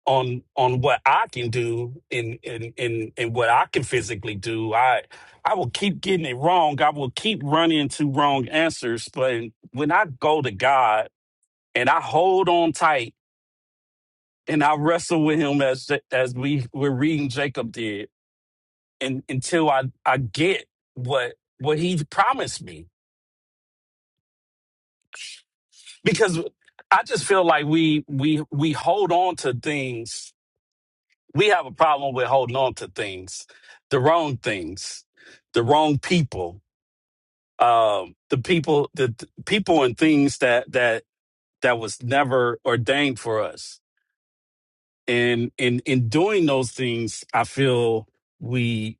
Speaker 7: on on what I can do and and and and what I can physically do. I I will keep getting it wrong. I will keep running into wrong answers. But when I go to God and I hold on tight and I wrestle with Him as Ja- as we were reading Jacob did, and until I I get what what He promised me, because I just feel like we we we hold on to things we have a problem with holding on to things, the wrong things, the wrong people, um, the people, the, the people and things that that that was never ordained for us. And in in doing those things, I feel we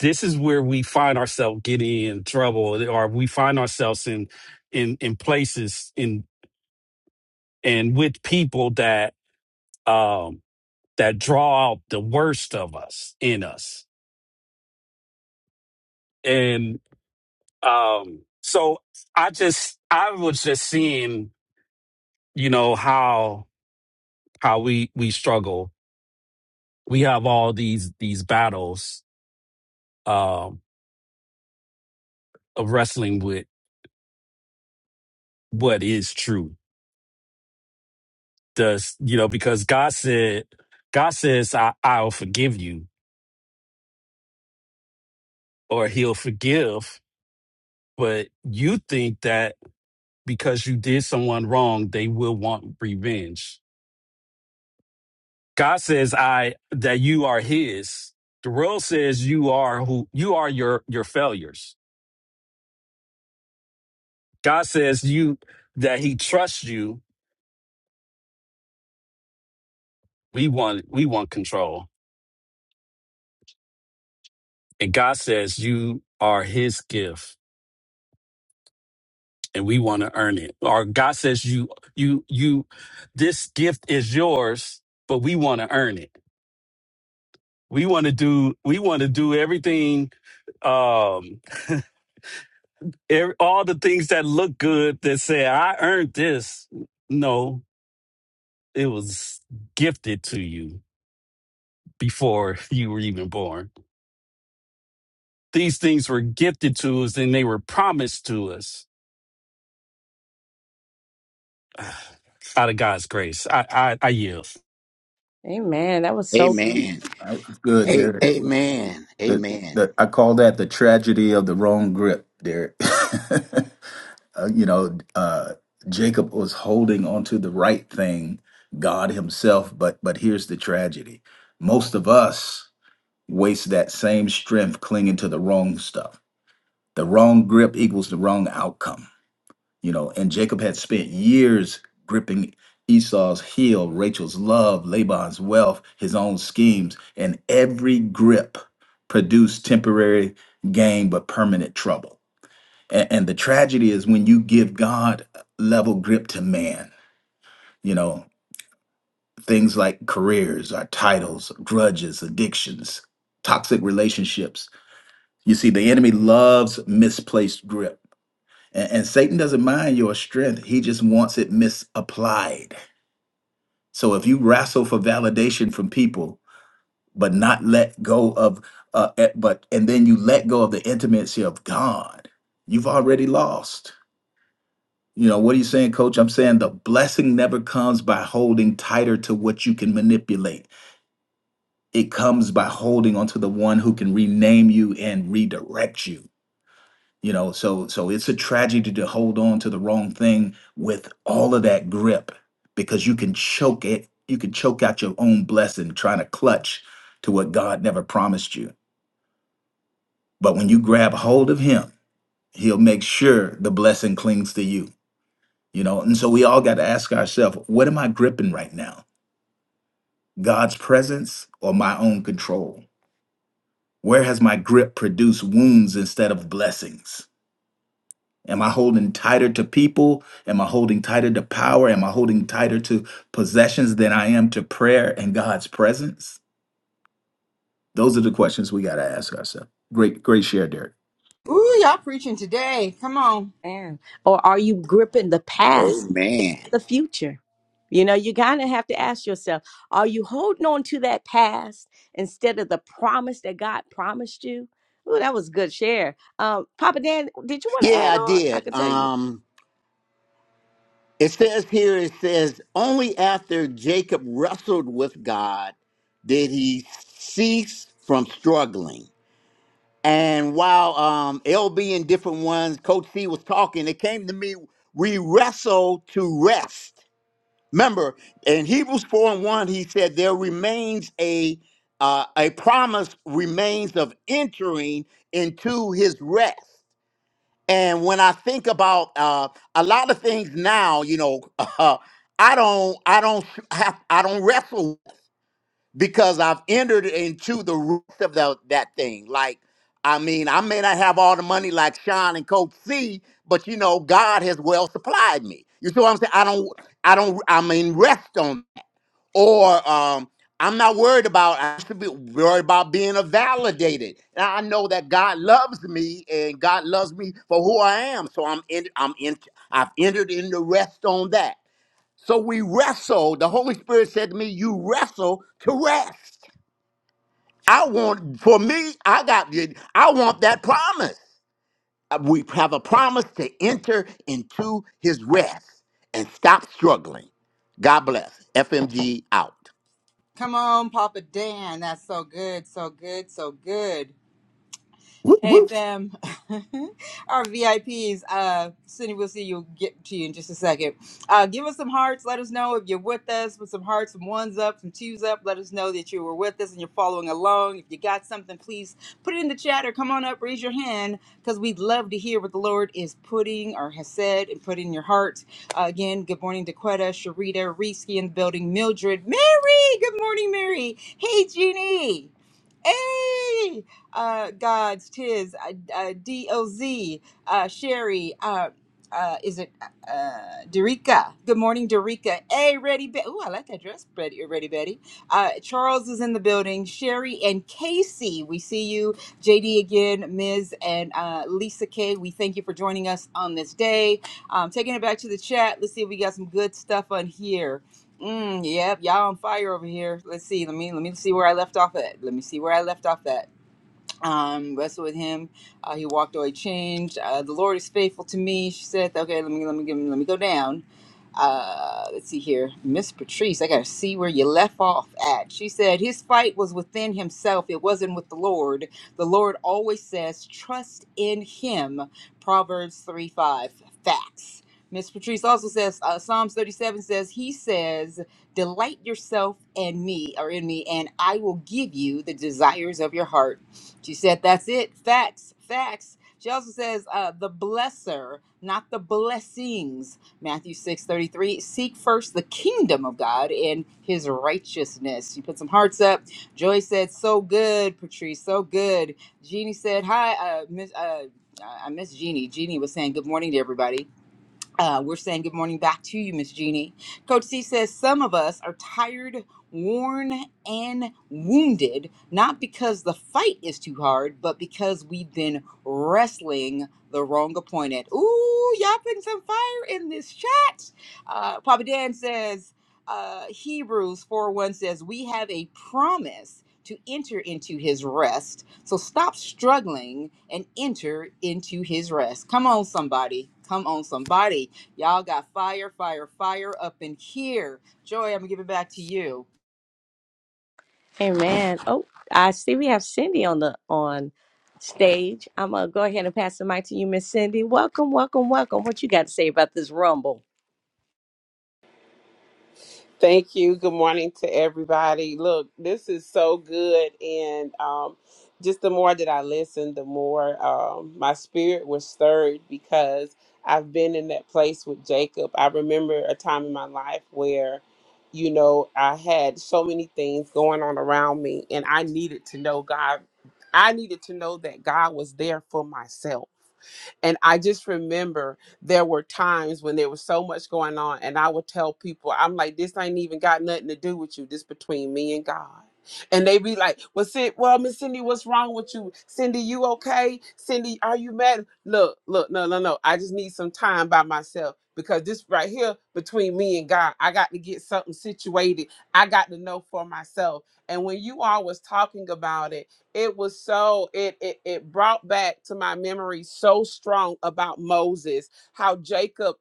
Speaker 7: this is where we find ourselves getting in trouble, or we find ourselves in in in places in and with people that um that draw out the worst of us in us Um, so I just I was just seeing, you know, how how we we struggle. We have all these these battles um of wrestling with what is true. Does you know, because God said God says I, I'll forgive you or he'll forgive, but you think that because you did someone wrong, they will want revenge God says I that you are his. The world says you are who you are your your failures. God says you that he trusts you. We want we want control. And God says you are his gift and we want to earn it. Or God says you you you this gift is yours, but we want to earn it. We want to do we want to do everything um every, all the things that look good that say I earned this. No, it was gifted to you before you were even born. These things were gifted to us and they were promised to us out of God's grace. I, I, I yield.
Speaker 1: Amen. That was so
Speaker 5: Amen.
Speaker 6: That was good,
Speaker 5: A-
Speaker 6: Derek.
Speaker 5: amen.
Speaker 6: The,
Speaker 5: Amen.
Speaker 6: the, I call that the tragedy of the wrong grip, Derek. Uh, you know, uh, Jacob was holding onto the right thing, God Himself. But but here's the tragedy: most of us waste that same strength clinging to the wrong stuff. The wrong grip equals the wrong outcome. You know, and Jacob had spent years gripping Esau's heel, Rachel's love, Laban's wealth, his own schemes, and every grip produced temporary gain but permanent trouble. And, and the tragedy is when you give God level grip to man, you know, things like careers, our titles, grudges, addictions, toxic relationships. You see, the enemy loves misplaced grip And, and Satan doesn't mind your strength, he just wants it misapplied. So if you wrestle for validation from people, but not let go of, uh, eh, but and then you let go of the intimacy of God, you've already lost. You know, what are you saying, coach? I'm saying the blessing never comes by holding tighter to what you can manipulate. It comes by holding onto the one who can rename you and redirect you. you know so so it's a tragedy to hold on to the wrong thing with all of that grip because you can choke it you can choke out your own blessing trying to clutch to what god never promised you but when you grab hold of him he'll make sure the blessing clings to you you know and so we all got to ask ourselves what am i gripping right now god's presence or my own control where has my grip produced wounds instead of blessings Am I holding tighter to people? Am I holding tighter to power? Am I holding tighter to possessions than I am to prayer and God's presence? Those are the questions we got to ask ourselves. Great, great share, Derek.
Speaker 2: Ooh, y'all preaching today. Come on.
Speaker 1: man. Or are you gripping the past?
Speaker 5: Amen.
Speaker 1: the future. You know, you kind of have to ask yourself, are you holding on to that past instead of the promise that God promised you? Ooh, that was a good share. Um, Papa Dan, did you want to add
Speaker 5: Yeah, I
Speaker 1: on? I
Speaker 5: did.
Speaker 1: could tell you.
Speaker 5: Um, it says here, it says, only after Jacob wrestled with God did he cease from struggling. And while um, LB and different ones, Coach C was talking, it came to me, we wrestle to rest. Remember, in Hebrews 4 and 1, he said, there remains a uh, a promise remains of entering into his rest. And when I think about uh, a lot of things now, you know, uh, I don't, I don't have, I don't wrestle because I've entered into the roots of the, that thing. Like, I mean, I may not have all the money like Sean and Coach C, but you know, God has well supplied me. You see what I'm saying? I don't, I don't, I mean, rest on or um I'm not worried about I used be worried about being validated. Now I know that God loves me and God loves me for who I am. So I'm in I'm in I've entered in the rest on that. So we wrestle. The Holy Spirit said to me, You wrestle to rest. I want for me, I got I want that promise. Uh, We have a promise to enter into his rest and stop struggling. God bless. FMG out.
Speaker 2: Come on, Papa Dan. That's so good, so good, so good.
Speaker 6: Whoop,
Speaker 2: Hey
Speaker 6: whoop.
Speaker 2: fam, our VIPs, uh, Cindy, we'll see you. Get to you in just a second. Uh, give us some hearts. Let us know if you're with us. Put some hearts, some ones up, some twos up. Let us know that you were with us and you're following along. If you got something, please put it in the chat or come on up, raise your hand, because we'd love to hear what the Lord is putting or has said and put in your heart. Uh, again, good morning, Daquetta, Sharita, Reesky in the building, Mildred, Mary. Good morning, Mary. Hey, Jeannie. Hey, uh, God's tis uh, uh, D O Z uh, Sherry. Uh, uh, is it uh, Derica? Good morning, Derica. Hey, Ready Betty. Ooh, I like that dress, Betty. Ready Betty. Uh, Charles is in the building. Sherry and Casey, we see you. JD again, Ms. and uh, Lisa K. We thank you for joining us on this day. Um, taking it back to the chat. Let's see if we got some good stuff on here. Mm, yep, y'all on fire over here. Let's see. Let me let me see where I left off at. Let me see where I left off at. Um, wrestled with him. Uh, he walked away changed. Uh, the Lord is faithful to me. She said, "Okay, let me let me give him, let me go down." uh, let's see here, Miss Patrice, I gotta see where you left off at. She said his fight was within himself, it wasn't with the Lord. The Lord always says, trust in him. Proverbs 3 5. Facts. Miss Patrice also says, uh, Psalms 37 says, He says, Delight yourself and me, or in me, and I will give you the desires of your heart. She said, That's it. Facts, facts. She also says, uh, The blesser, not the blessings Matthew 6 33. seek first the kingdom of God and his righteousness. You put some hearts up. Joy said, so good, Patrice, so good. Jeannie said, hi, uh, miss, uh, I I miss Jeannie. Jeannie was saying good morning to everybody. Uh, we're saying good morning back to you, Miss Jeannie. Coach C says some of us are tired, worn, and wounded, not because the fight is too hard, but because we've been wrestling the wrong opponent. Ooh, y'all putting some fire in this chat. Uh, Papa Dan says uh, Hebrews 4 1 says, We have a promise to enter into his rest. So stop struggling and enter into his rest. Come on, somebody. Come on, somebody. Y'all got fire, fire, fire up in here. Joy, I'm going to give it back to you.
Speaker 1: Amen. Oh, I see we have Cindy on the on stage. I'm gonna go ahead and pass the mic to you, Miss Cindy. Welcome, welcome, welcome. What you got to say about this rumble?
Speaker 8: Thank you. Good morning to everybody. Look, this is so good. And um, just the more that I listened, the more um, my spirit was stirred because I've been in that place with Jacob. I remember a time in my life where, you know, I had so many things going on around me, and I needed to know God. I needed to know that God was there for myself. And I just remember there were times when there was so much going on and i would tell people i'm like this ain't even got nothing to do with you this between me and god and they be like well Cindy, well miss cindy what's wrong with you cindy you okay cindy are you mad look look no no no i just need some time by myself because this right here between me and god i got to get something situated i got to know for myself and when you all was talking about it it was so it it, it brought back to my memory so strong about moses how Jacob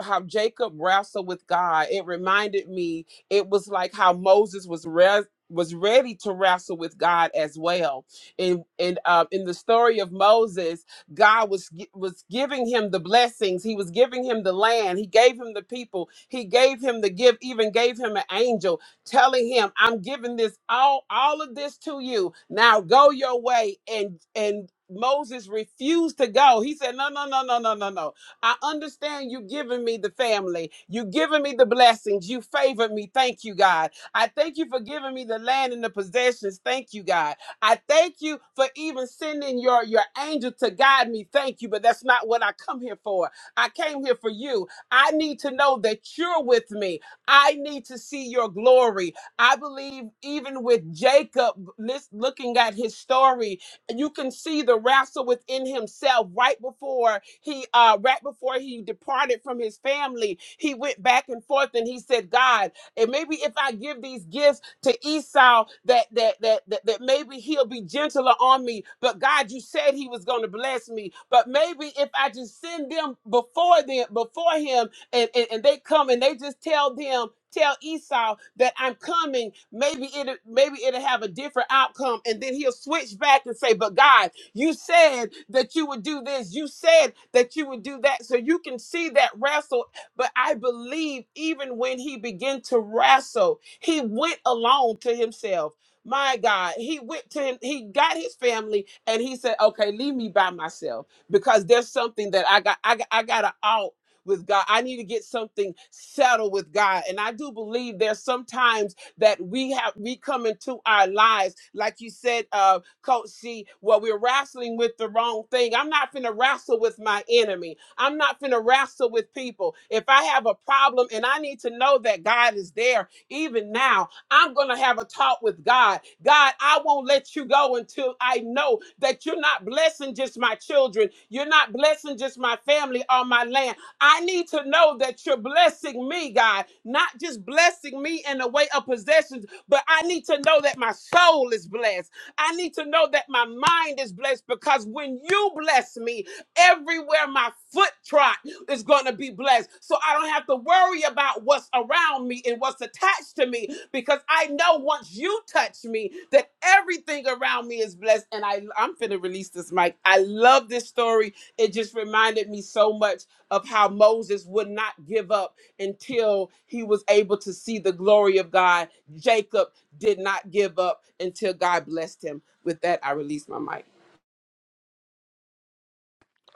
Speaker 8: how Jacob wrestled with God. It reminded me it was like how Moses was res- was ready to wrestle with God as well. And and uh, in the story of Moses, God was gi- was giving him the blessings. He was giving him the land. He gave him the people. He gave him the gift. Even gave him an angel telling him, "I'm giving this all all of this to you. Now go your way." And and Moses refused to go. He said, "No, no, no, no, no, no, no. I understand you giving me the family. You giving me the blessings. You favored me. Thank you, God. I thank you for giving me the land and the possessions. Thank you, God. I thank you for even sending your, your angel to guide me. Thank you. But that's not what I come here for. I came here for you. I need to know that you're with me. I need to see your glory. I believe even with Jacob lis- looking at his story you can see the wrestle within himself right before he uh right before he departed from his family he went back and forth and he said god and maybe if i give these gifts to esau that that that that, that maybe he'll be gentler on me but god you said he was going to bless me but maybe if i just send them before them before him and, and, and they come and they just tell them, tell Esau that I'm coming. Maybe it maybe it'll have a different outcome. And then he'll switch back and say, But God, you said that you would do this. You said that you would do that. So you can see that wrestle. But I believe even when he began to wrestle, he went alone to himself. My God, he went to him, he got his family and he said, Okay, leave me by myself because there's something that I got I got I gotta out with God. I need to get something settled with God. And I do believe there's sometimes that we have we come into our lives, like you said, uh, Coach C, well, we're wrestling with the wrong thing. I'm not finna wrestle with my enemy. I'm not finna wrestle with people. If I have a problem and I need to know that God is there, even now, I'm going to have a talk with God. God, I won't let you go until I know that you're not blessing just my children. You're not blessing just my family or my land. I need to know that you're blessing me, God, not just blessing me in the way of possessions, but I need to know that my soul is blessed. I need to know that my mind is blessed because when you bless me, everywhere my foot trot is going to be blessed. So I don't have to worry about what's around me and what's attached to me because I know once you touch me that everything around me is blessed. And I, I'm finna release this mic. I love this story. It just reminded me so much of how Moses would not give up until he was able to see the glory of God. Jacob did not give up until God blessed him. With that, I release my mic.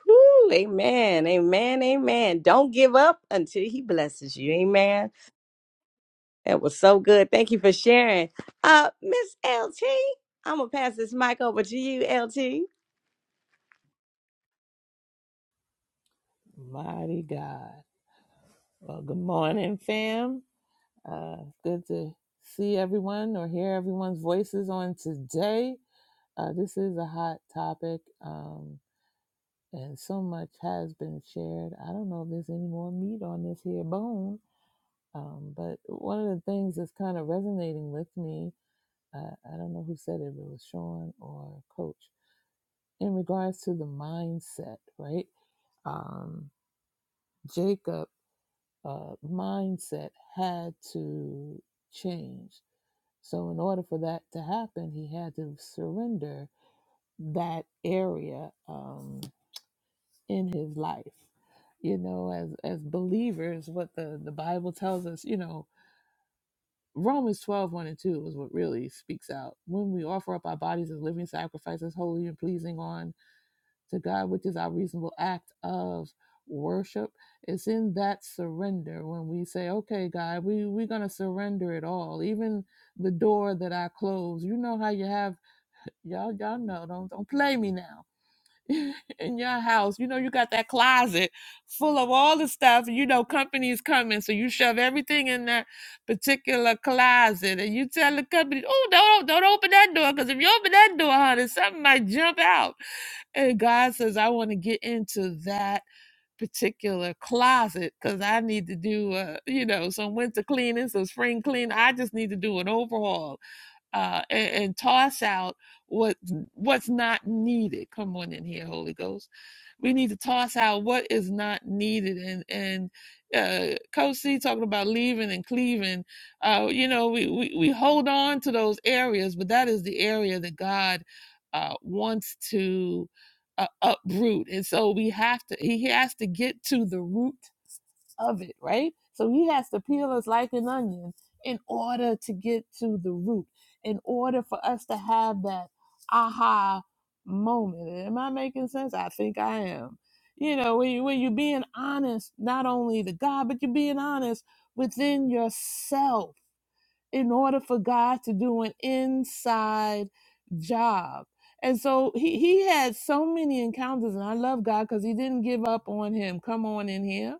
Speaker 1: Woo, amen, amen, amen. Don't give up until he blesses you. Amen. That was so good. Thank you for sharing. Uh, Miss LT, I'm gonna pass this mic over to you, LT.
Speaker 9: Mighty God. Well, good morning, fam. Uh, good to see everyone or hear everyone's voices on today. Uh, this is a hot topic, um, and so much has been shared. I don't know if there's any more meat on this here bone, um, but one of the things that's kind of resonating with me, uh, I don't know who said it, if it was Sean or Coach, in regards to the mindset, right? Um, Jacob uh, mindset had to change. So, in order for that to happen, he had to surrender that area um, in his life. You know, as as believers, what the the Bible tells us, you know, Romans twelve one and 2 is what really speaks out. When we offer up our bodies as living sacrifices, holy and pleasing on to God, which is our reasonable act of worship. It's in that surrender when we say, okay, God, we, we're going to surrender it all. Even the door that I close, you know how you have, y'all, y'all know, don't, don't play me now. in your house, you know, you got that closet full of all the stuff, and you know, company's coming, so you shove everything in that particular closet, and you tell the company, "Oh, don't don't open that door, because if you open that door, honey, something might jump out." And God says, I want to get into that particular closet because I need to do, uh, you know, some winter cleaning, some spring cleaning. I just need to do an overhaul uh, and, and toss out what what's not needed. Come on in here, Holy Ghost. We need to toss out what is not needed. And and uh, Coach C talking about leaving and cleaving. Uh, you know, we, we we hold on to those areas, but that is the area that God uh, wants to uh, uproot. And so we have to. He has to get to the root of it, right? So he has to peel us like an onion in order to get to the root, in order for us to have that aha moment. Am I making sense? I think I am. You know, when, you, when you're being honest, not only to God, but you're being honest within yourself in order for God to do an inside job. And so he, he had so many encounters, and I love God because he didn't give up on him. Come on in here.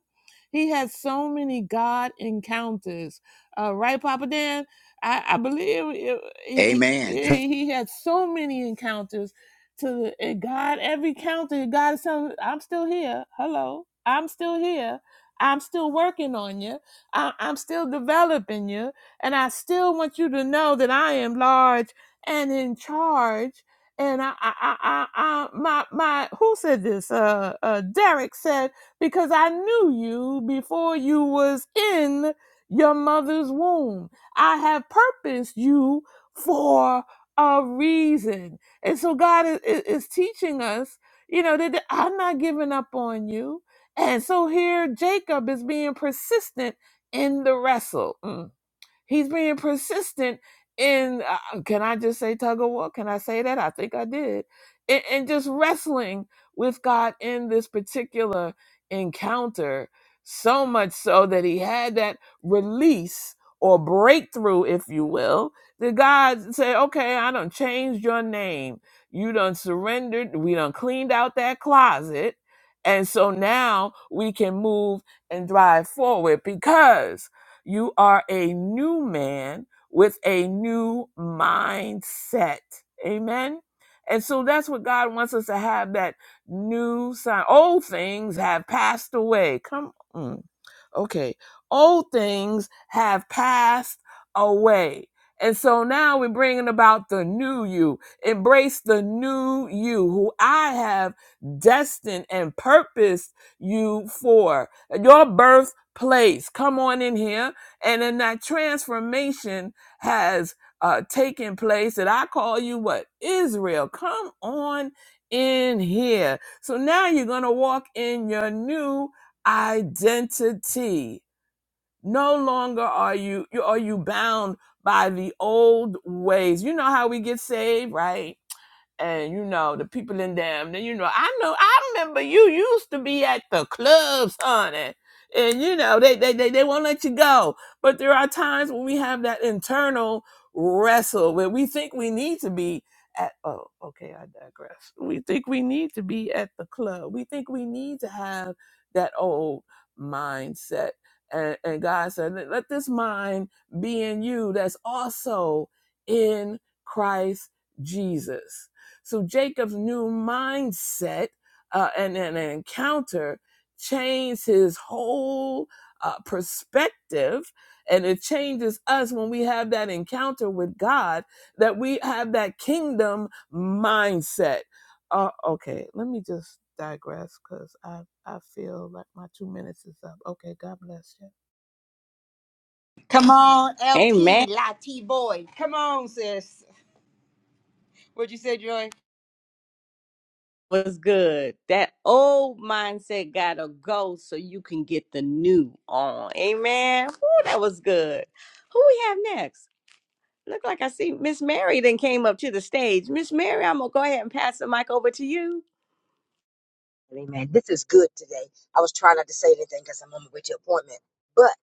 Speaker 9: He had so many God encounters. Uh, right, Papa Dan? I, I believe it- he,
Speaker 5: Amen.
Speaker 9: he, he had so many encounters to and God. Every encounter, God is telling, him, I'm still here. Hello. I'm still here. I'm still working on you. I, I'm still developing you. And I still want you to know that I am large and in charge. And I, I, I, I, I my, my, who said this? Uh, uh, Derek said, because I knew you before you was in your mother's womb. I have purposed you for a reason. And so God is, is is teaching us, you know, that that I'm not giving up on you. And so here Jacob is being persistent in the wrestle. Mm. He's being persistent in, uh, can I just say tug of war? Can I say that? I think I did. And, and just wrestling with God in this particular encounter, so much so that he had that release or breakthrough, if you will. That God said, okay, I done changed your name. You done surrendered. We done cleaned out that closet. And so now we can move and drive forward because you are a new man with a new mindset. Amen. And so that's what God wants us to have that new sign. Old things have passed away. Come on. Okay. Old things have passed away. And so now we're bringing about the new you. Embrace the new you who I have destined and purposed you for. Your birthplace. Come on in here. And then that transformation has uh, taken place that I call you what? Israel. Come on in here. So now you're going to walk in your new identity. No longer are you, you are you bound by the old ways. You know how we get saved, right? and you know the people in them. Then you know, I know, I remember you used to be at the clubs, honey. And you know, they they they, they won't let you go. But there are times when we have that internal wrestle where we think we need to be at. Oh, okay, I digress. We think we need to be at the club. We think we need to have that old mindset. And, and God said, let let this mind be in you that's also in Christ Jesus so Jacob's new mindset uh, and, and an encounter changed his whole uh, perspective. And it changes us when we have that encounter with God, that we have that kingdom mindset. Uh, okay, let me just digress because I, I feel like my two minutes is up. Okay, God bless you.
Speaker 2: Come on,
Speaker 1: Amen.
Speaker 2: LT, Lati boy. Come on, sis. What'd you say, Joy?
Speaker 1: Was good. That old mindset gotta go so you can get the new on. Amen. Woo, that was good. Who we have next? Look like I see Miss Mary then came up to the stage. Miss Mary, I'm gonna go ahead and pass the mic over to you.
Speaker 10: Amen. This is good today. I was trying not to say anything because I'm on my way to appointment. But,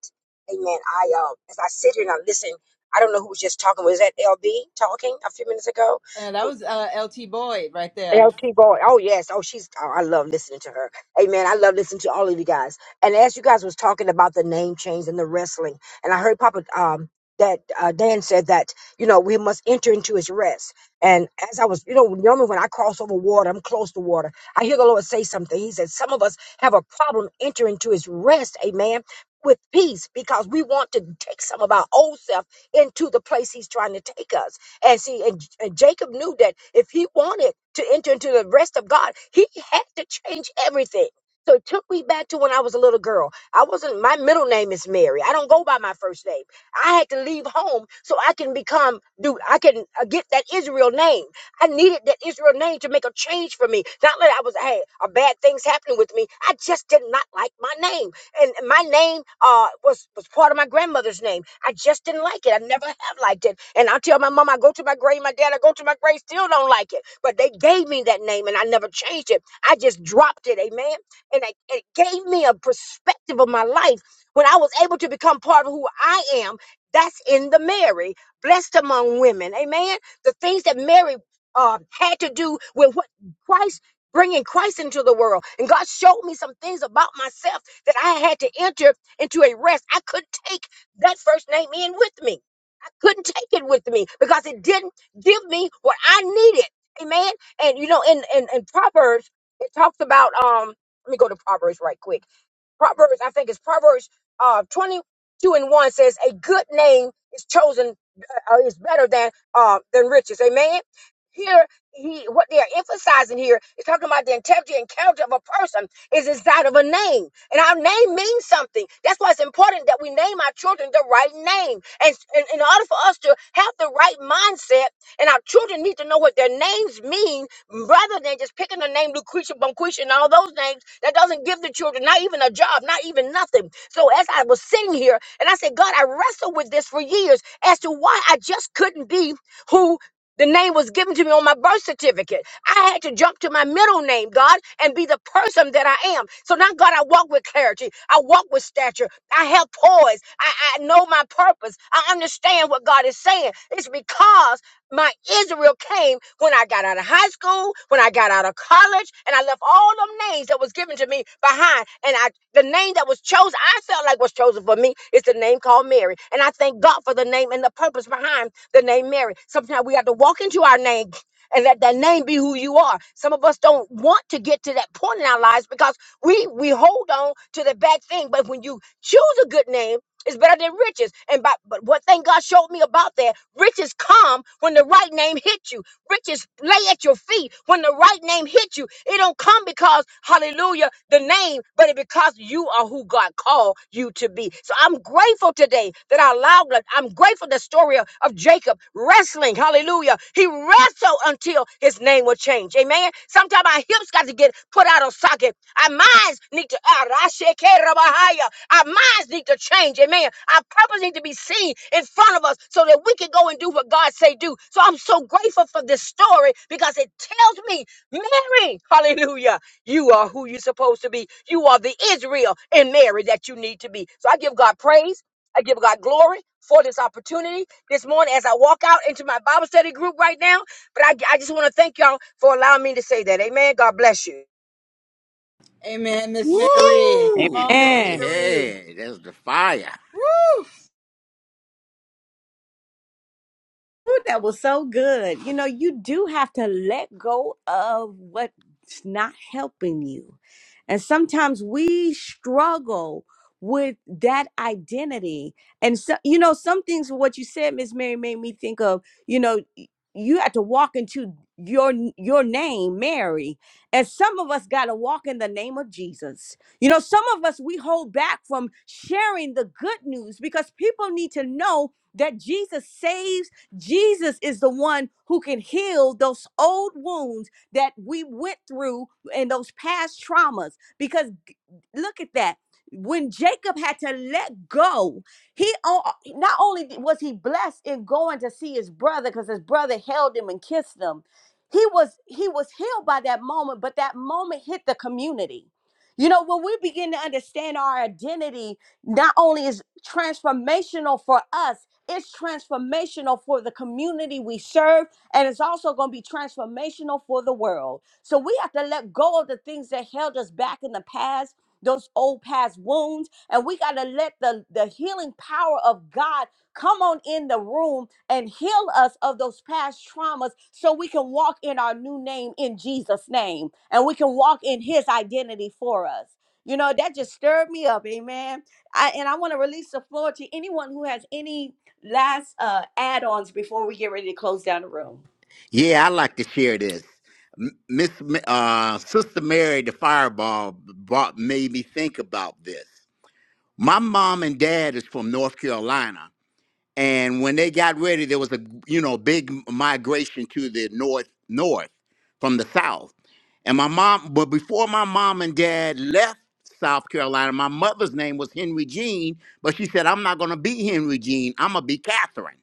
Speaker 10: amen, I, uh, as I sit here and I listen, I don't know who was just talking. Was that LB talking a few minutes ago?
Speaker 2: Uh, that was uh, LT Boyd right there.
Speaker 10: L.T. Boy, Oh yes. Oh, she's. Oh, I love listening to her. Amen. I love listening to all of you guys. And as you guys was talking about the name change and the wrestling, and I heard Papa um that uh, Dan said that you know we must enter into His rest. And as I was, you know, normally when I cross over water, I'm close to water. I hear the Lord say something. He said, "Some of us have a problem entering into His rest." Amen. With peace, because we want to take some of our old self into the place He's trying to take us. And see, and, and Jacob knew that if he wanted to enter into the rest of God, he had to change everything. So it took me back to when I was a little girl. I wasn't, my middle name is Mary. I don't go by my first name. I had to leave home so I can become, dude, I can uh, get that Israel name. I needed that Israel name to make a change for me. Not that I was, hey, a bad things happening with me. I just did not like my name and my name uh was was part of my grandmother's name. I just didn't like it. I never have liked it. And I tell my mom, I go to my grave, my dad, I go to my grave, still don't like it. But they gave me that name, and I never changed it. I just dropped it, amen. And it, it gave me a perspective of my life when I was able to become part of who I am. That's in the Mary, blessed among women, amen. The things that Mary uh, had to do with what Christ bringing Christ into the world. And God showed me some things about myself that I had to enter into a rest. I couldn't take that first name in with me. I couldn't take it with me because it didn't give me what I needed. Amen. And you know, in in, in Proverbs, it talks about um. Let me go to Proverbs right quick Proverbs, I think it's Proverbs uh, 22 and 1 says, A good name is chosen, uh, uh, is better than uh, than riches. Amen. Here, he what they are emphasizing here is talking about the integrity and character of a person is inside of a name. And our name means something. That's why it's important that we name our children the right name. And and in order for us to have the right mindset, and our children need to know what their names mean rather than just picking the name Lucretia Bonquisha and all those names that doesn't give the children not even a job, not even nothing. So as I was sitting here and I said, God, I wrestled with this for years as to why I just couldn't be who the name was given to me on my birth certificate. I had to jump to my middle name, God, and be the person that I am. So now, God, I walk with clarity. I walk with stature. I have poise. I, I know my purpose. I understand what God is saying. It's because my Israel came when I got out of high school, when I got out of college, and I left all them names that was given to me behind. And I the name that was chosen, I felt like was chosen for me is the name called Mary. And I thank God for the name and the purpose behind the name Mary. Sometimes we have to walk into our name and let that name be who you are. Some of us don't want to get to that point in our lives because we we hold on to the bad thing. But when you choose a good name, it's better than riches. And by, but what thing God showed me about that, riches come when the right name hit you. Riches lay at your feet when the right name hit you. It don't come because, hallelujah, the name, but it because you are who God called you to be. So I'm grateful today that I allowed, like, I'm grateful the story of, of Jacob wrestling, hallelujah. He wrestled until his name will change. Amen. Sometimes our hips got to get put out of socket. Our minds need to, our minds need to change. Amen. Our purpose need to be seen in front of us so that we can go and do what God say do. So I'm so grateful for this story because it tells me, Mary, hallelujah, you are who you're supposed to be. You are the Israel in Mary that you need to be. So I give God praise. I give God glory for this opportunity this morning as I walk out into my Bible study group right now. But I, I just want to thank y'all for allowing me to say that. Amen. God bless you.
Speaker 2: Amen, Miss Mary. Come
Speaker 5: Woo!
Speaker 2: on, Miss
Speaker 5: Hey,
Speaker 1: Amen.
Speaker 2: Mary.
Speaker 5: hey, that's the fire.
Speaker 2: Woo!
Speaker 1: Ooh, that was so good. You know, you do have to let go of what's not helping you. And sometimes we struggle with that identity. And so, you know, some things what you said, Miss Mary, made me think of, you know, y- you have to walk into your your name, Mary. And some of us gotta walk in the name of Jesus. You know, some of us we hold back from sharing the good news because people need to know that Jesus saves Jesus is the one who can heal those old wounds that we went through and those past traumas. Because g- look at that. When Jacob had to let go, he o- not only d- was he blessed in going to see his brother because his brother held him and kissed him, he was he was healed by that moment, but that moment hit the community. You know, when we begin to understand our identity, not only is transformational for us, it's transformational for the community we serve, and it's also going to be transformational for the world. So we have to let go of the things that held us back in the past, those old past wounds, and we got to let the, the healing power of God come on in the room and heal us of those past traumas so we can walk in our new name in Jesus' name and we can walk in his identity for us. You know, that just stirred me up, amen. I, and I want to release the floor to anyone who has any Last uh, add-ons before we get ready to close down the room.
Speaker 5: Yeah, I like to share this. M- Miss, M- uh, Sister Mary, the fireball, brought made me think about this. My mom and dad is from North Carolina, and when they got ready, there was a you know big migration to the north, north from the south. And my mom, but before my mom and dad left South Carolina, my mother's name was Henry Jean, but she said, "I'm not going to be Henry Jean. I'm gonna be Catherine."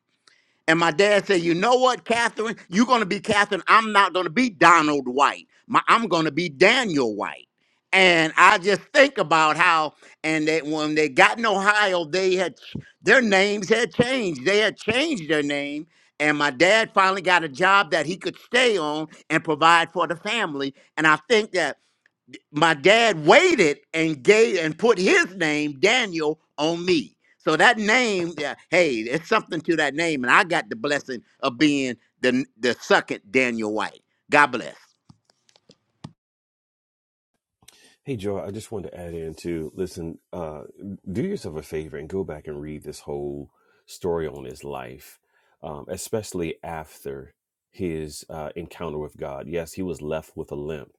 Speaker 5: And my dad said, You know what, Catherine? You're going to be Catherine. I'm not going to be Donald White. My, I'm going to be Daniel White. And I just think about how, and that when they got in Ohio, they had their names had changed. They had changed their name. And my dad finally got a job that he could stay on and provide for the family. And I think that my dad waited and gave and put his name Daniel on me. So that name, yeah, hey, there's something to that name, and I got the blessing of being the the second Daniel White. God bless.
Speaker 3: Hey Joy, I just wanted to add in too. Listen, uh, do yourself a favor and go back and read this whole story on his life, um, especially after his uh, encounter with God. Yes, he was left with a limp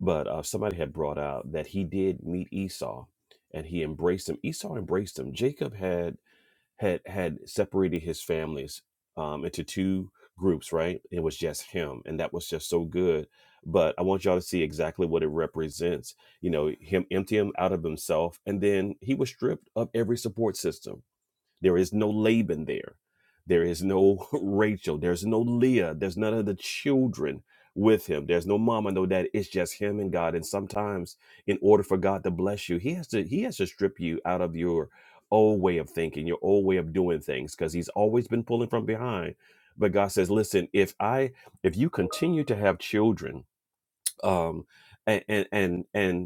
Speaker 3: but uh, somebody had brought out that he did meet Esau, and he embraced him. Esau embraced him. Jacob had had had separated his families um, into two groups, right? It was just him, and that was just so good. But I want y'all to see exactly what it represents. You know, him empty him out of himself, and then he was stripped of every support system there is no Laban there. There is no Rachel. There's no Leah. There's none of the children with him. There's no mama, no dad. It's just him and God. And sometimes, in order for God to bless you, He has to He has to strip you out of your old way of thinking, your old way of doing things, because He's always been pulling from behind. But God says, "Listen, if I if you continue to have children, um, and and and, and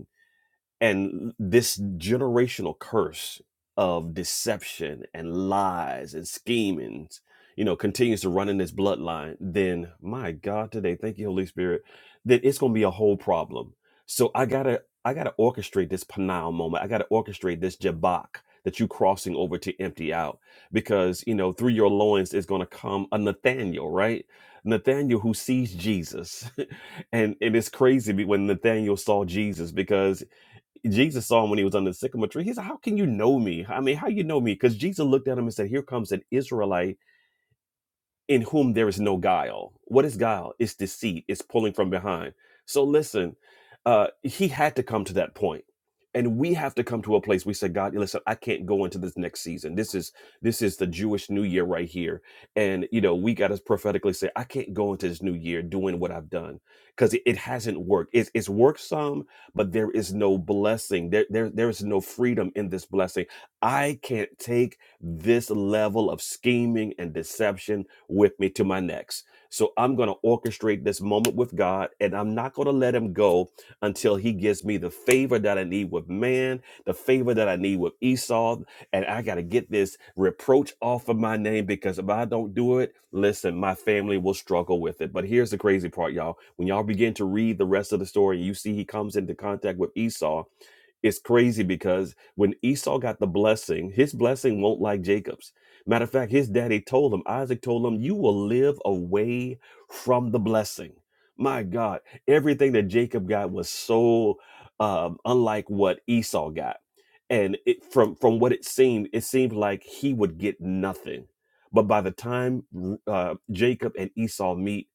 Speaker 3: and this generational curse of deception and lies and schemings you know continues to run in this bloodline then my god today thank you holy spirit that it's going to be a whole problem so i gotta i gotta orchestrate this panal moment i gotta orchestrate this jabak that you crossing over to empty out because you know through your loins is going to come a nathaniel right nathaniel who sees jesus and it is crazy be- when Nathaniel saw Jesus because Jesus saw him when he was under the sycamore tree. He said, How can you know me? I mean, how you know me? Because Jesus looked at him and said, Here comes an Israelite in whom there is no guile. What is guile? It's deceit, it's pulling from behind. So listen, uh, he had to come to that point, And we have to come to a place we said, God, listen, I can't go into this next season. This is this is the Jewish New Year right here. And you know, we gotta prophetically say, I can't go into this new year doing what I've done. Because it, it hasn't worked. It's it's worked some, but there is no blessing. There, there there is no freedom in this blessing. I can't take this level of scheming and deception with me to my next. So I'm going to orchestrate this moment with God and I'm not going to let him go until he gives me the favor that I need with man, the favor that I need with Esau. And I got to get this reproach off of my name because if I don't do it, listen, my family will struggle with it. But here's the crazy part, y'all. When y'all begin to read the rest of the story, you see he comes into contact with Esau it's crazy because when Esau got the blessing, his blessing won't like Jacob's. Matter of fact, his daddy told him, Isaac told him, you will live away from the blessing. My God, everything that Jacob got was so um, unlike what Esau got. And it, from, from what it seemed, it seemed like he would get nothing. But by the time uh, Jacob and Esau meet,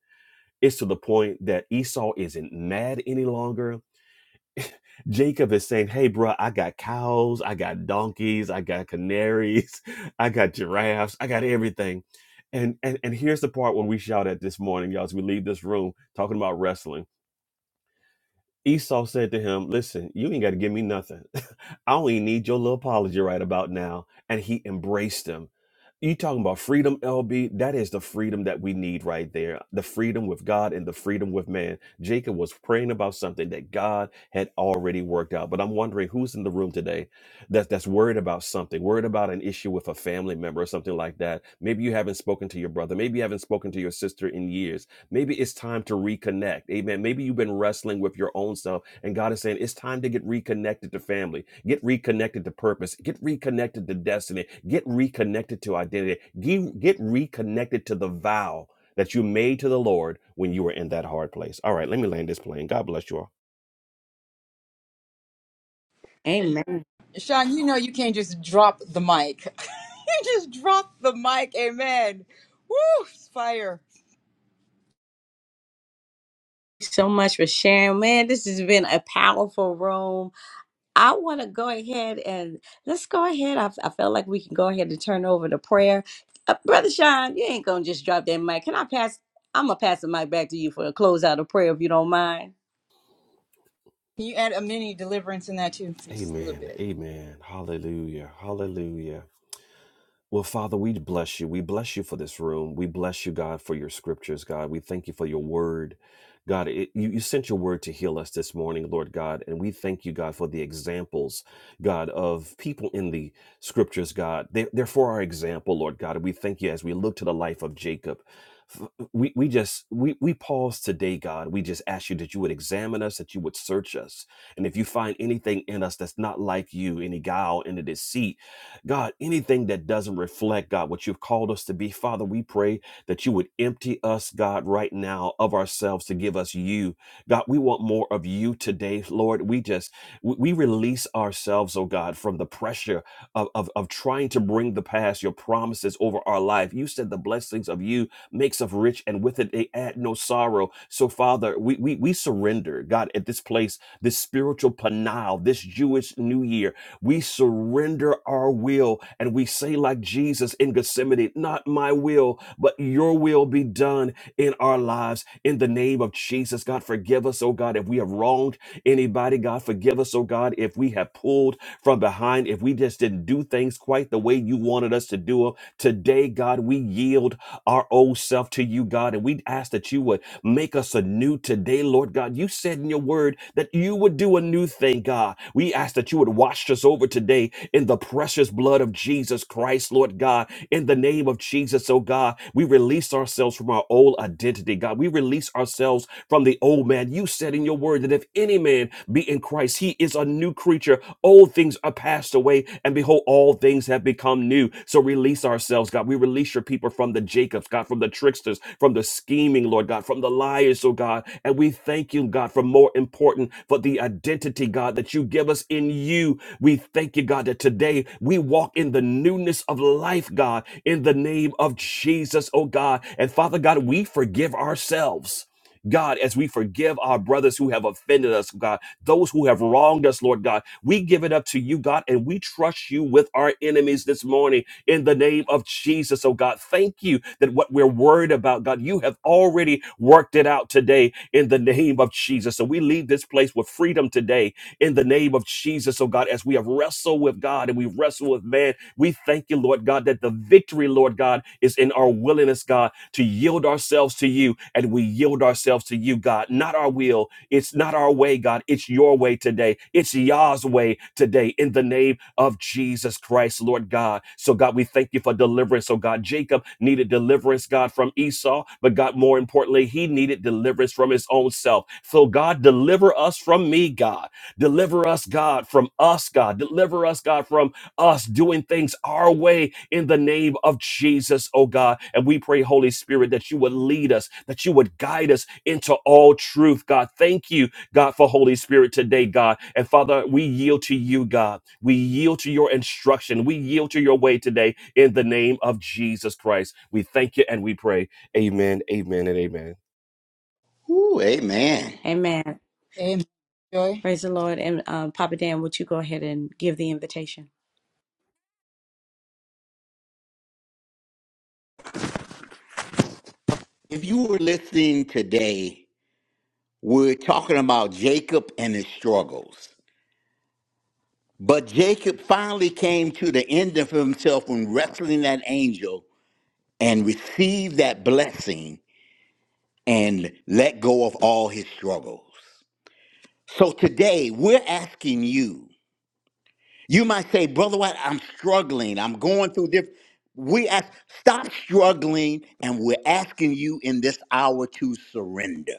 Speaker 3: it's to the point that Esau isn't mad any longer Jacob is saying, Hey, bro, I got cows, I got donkeys, I got canaries, I got giraffes, I got everything. And, and, and here's the part when we shout at this morning, y'all, as we leave this room talking about wrestling Esau said to him, Listen, you ain't got to give me nothing. I only need your little apology right about now. And he embraced him. You talking about freedom, LB? That is the freedom that we need right there. The freedom with God and the freedom with man. Jacob was praying about something that God had already worked out. But I'm wondering who's in the room today that, that's worried about something, worried about an issue with a family member or something like that. Maybe you haven't spoken to your brother. Maybe you haven't spoken to your sister in years Maybe it's time to reconnect. Amen. Maybe you've been wrestling with your own self, and God is saying it's time to get reconnected to family, get reconnected to purpose, get reconnected to destiny, get reconnected to identity, get, get reconnected to the vow that you made to the Lord when you were in that hard place. All right, let me land this plane. God bless you all.
Speaker 1: Amen. Thank
Speaker 2: Sean, you know you can't just drop the mic. you just drop the mic. Amen. Woo! it's Fire.
Speaker 1: you So much for sharing, man. This has been a powerful room. I want to go ahead and let's go ahead. I, I felt like we can go ahead and turn over to prayer. Uh, Brother Sean, you ain't gonna just drop that mic. Can I pass? I'm gonna pass the mic back to you for a close out of prayer, if you don't mind.
Speaker 2: Can you add a mini deliverance in that too? Just a little
Speaker 3: Amen.
Speaker 2: bit.
Speaker 3: Amen. Hallelujah. Hallelujah. Well, Father, we bless you. We bless you for this room. We bless you, God, for your scriptures, God. We thank you for your word. God, it, you, you sent your word to heal us this morning, Lord God. And we thank you, God, for the examples, God, of people in the scriptures, God. They, they're for our example, Lord God. And we thank you as we look to the life of Jacob. F- We, we just we, we pause today god we just ask you that you would examine us that you would search us and if you find anything in us that's not like you any guile any deceit God, anything that doesn't reflect, God, what you've called us to be, Father, we pray that you would empty us, God, right now of ourselves to give us you. God, we want more of you today, Lord. We just, we we release ourselves, oh God, from the pressure of, of, of trying to bring the past, your promises over our life. You said the blessings of you makes us rich and with it they add no sorrow. So, Father, we, we, we surrender, God, at this place, this spiritual panal, this Jewish New Year, we surrender our will and we say, like Jesus in Gethsemane, not my will, but your will be done in our lives. In the name of Jesus, God, forgive us, oh God, if we have wronged anybody. God, forgive us, oh God, if we have pulled from behind, if we just didn't do things quite the way you wanted us to do them. Today, God, we yield our old self to you, God, and we ask that you would make us anew today, Lord God. You said in your word that you would do a new thing you, thank God. We ask that you would wash us over today in the precious blood of Jesus Christ, Lord God. In the name of Jesus, oh God, we release ourselves from our old identity, God. We release ourselves from the old man. You said in your word that if any man be in Christ, he is a new creature. Old things are passed away, and behold, all things have become new. So release ourselves, God. We release your people from the Jacobs, God, from the tricksters, from the scheming, Lord God, from the liars, oh God. And we thank you, God, for more important for the identity, God, that you give us in you. We thank you, God, that today we walk in the newness of life, God, in the name of Jesus, oh God. And Father God, we forgive ourselves. God, as we forgive our brothers who have offended us, God, those who have wronged us, Lord God, we give it up to you, God, and we trust you with our enemies this morning in the name of Jesus. Oh, God, thank you that what we're worried about, God, you have already worked it out today in the name of Jesus. So we leave this place with freedom today in the name of Jesus. Oh, God, as we have wrestled with God and we wrestle with man, we thank you, Lord God. God, that the victory, Lord God, is in our willingness, God, to yield ourselves to you. And we yield ourselves to you, God. Not our will. It's not our way, God. It's your way today. It's Yah's way today in the name of Jesus Christ, Lord God. So, God, we thank you for deliverance. So, God, Jacob needed deliverance, God, from Esau. But, God, more importantly, he needed deliverance from his own self. So, God, deliver us from me, God. Deliver us, God, from us, God. Deliver us, God, from us doing things our way in the name of Jesus, oh God. And we pray, Holy Spirit, that you would lead us, that you would guide us into all truth, God. Thank you, God, for Holy Spirit today, God. And Father, we yield to you, God. We yield to your instruction. We yield to your way today in the name of Jesus Christ. We thank you and we pray. Amen, amen, and amen.
Speaker 5: Ooh, amen.
Speaker 1: Amen.
Speaker 2: Amen. Joy.
Speaker 1: Praise the Lord. And um, Papa Dan, would you go ahead and give the invitation?
Speaker 5: If you were listening today, we're talking about Jacob and his struggles. But Jacob finally came to the end of himself when wrestling that angel and received that blessing and let go of all his struggles. So today we're asking you. You might say, Brother White, I'm struggling. I'm going through this. We ask, stop struggling, and we're asking you in this hour to surrender.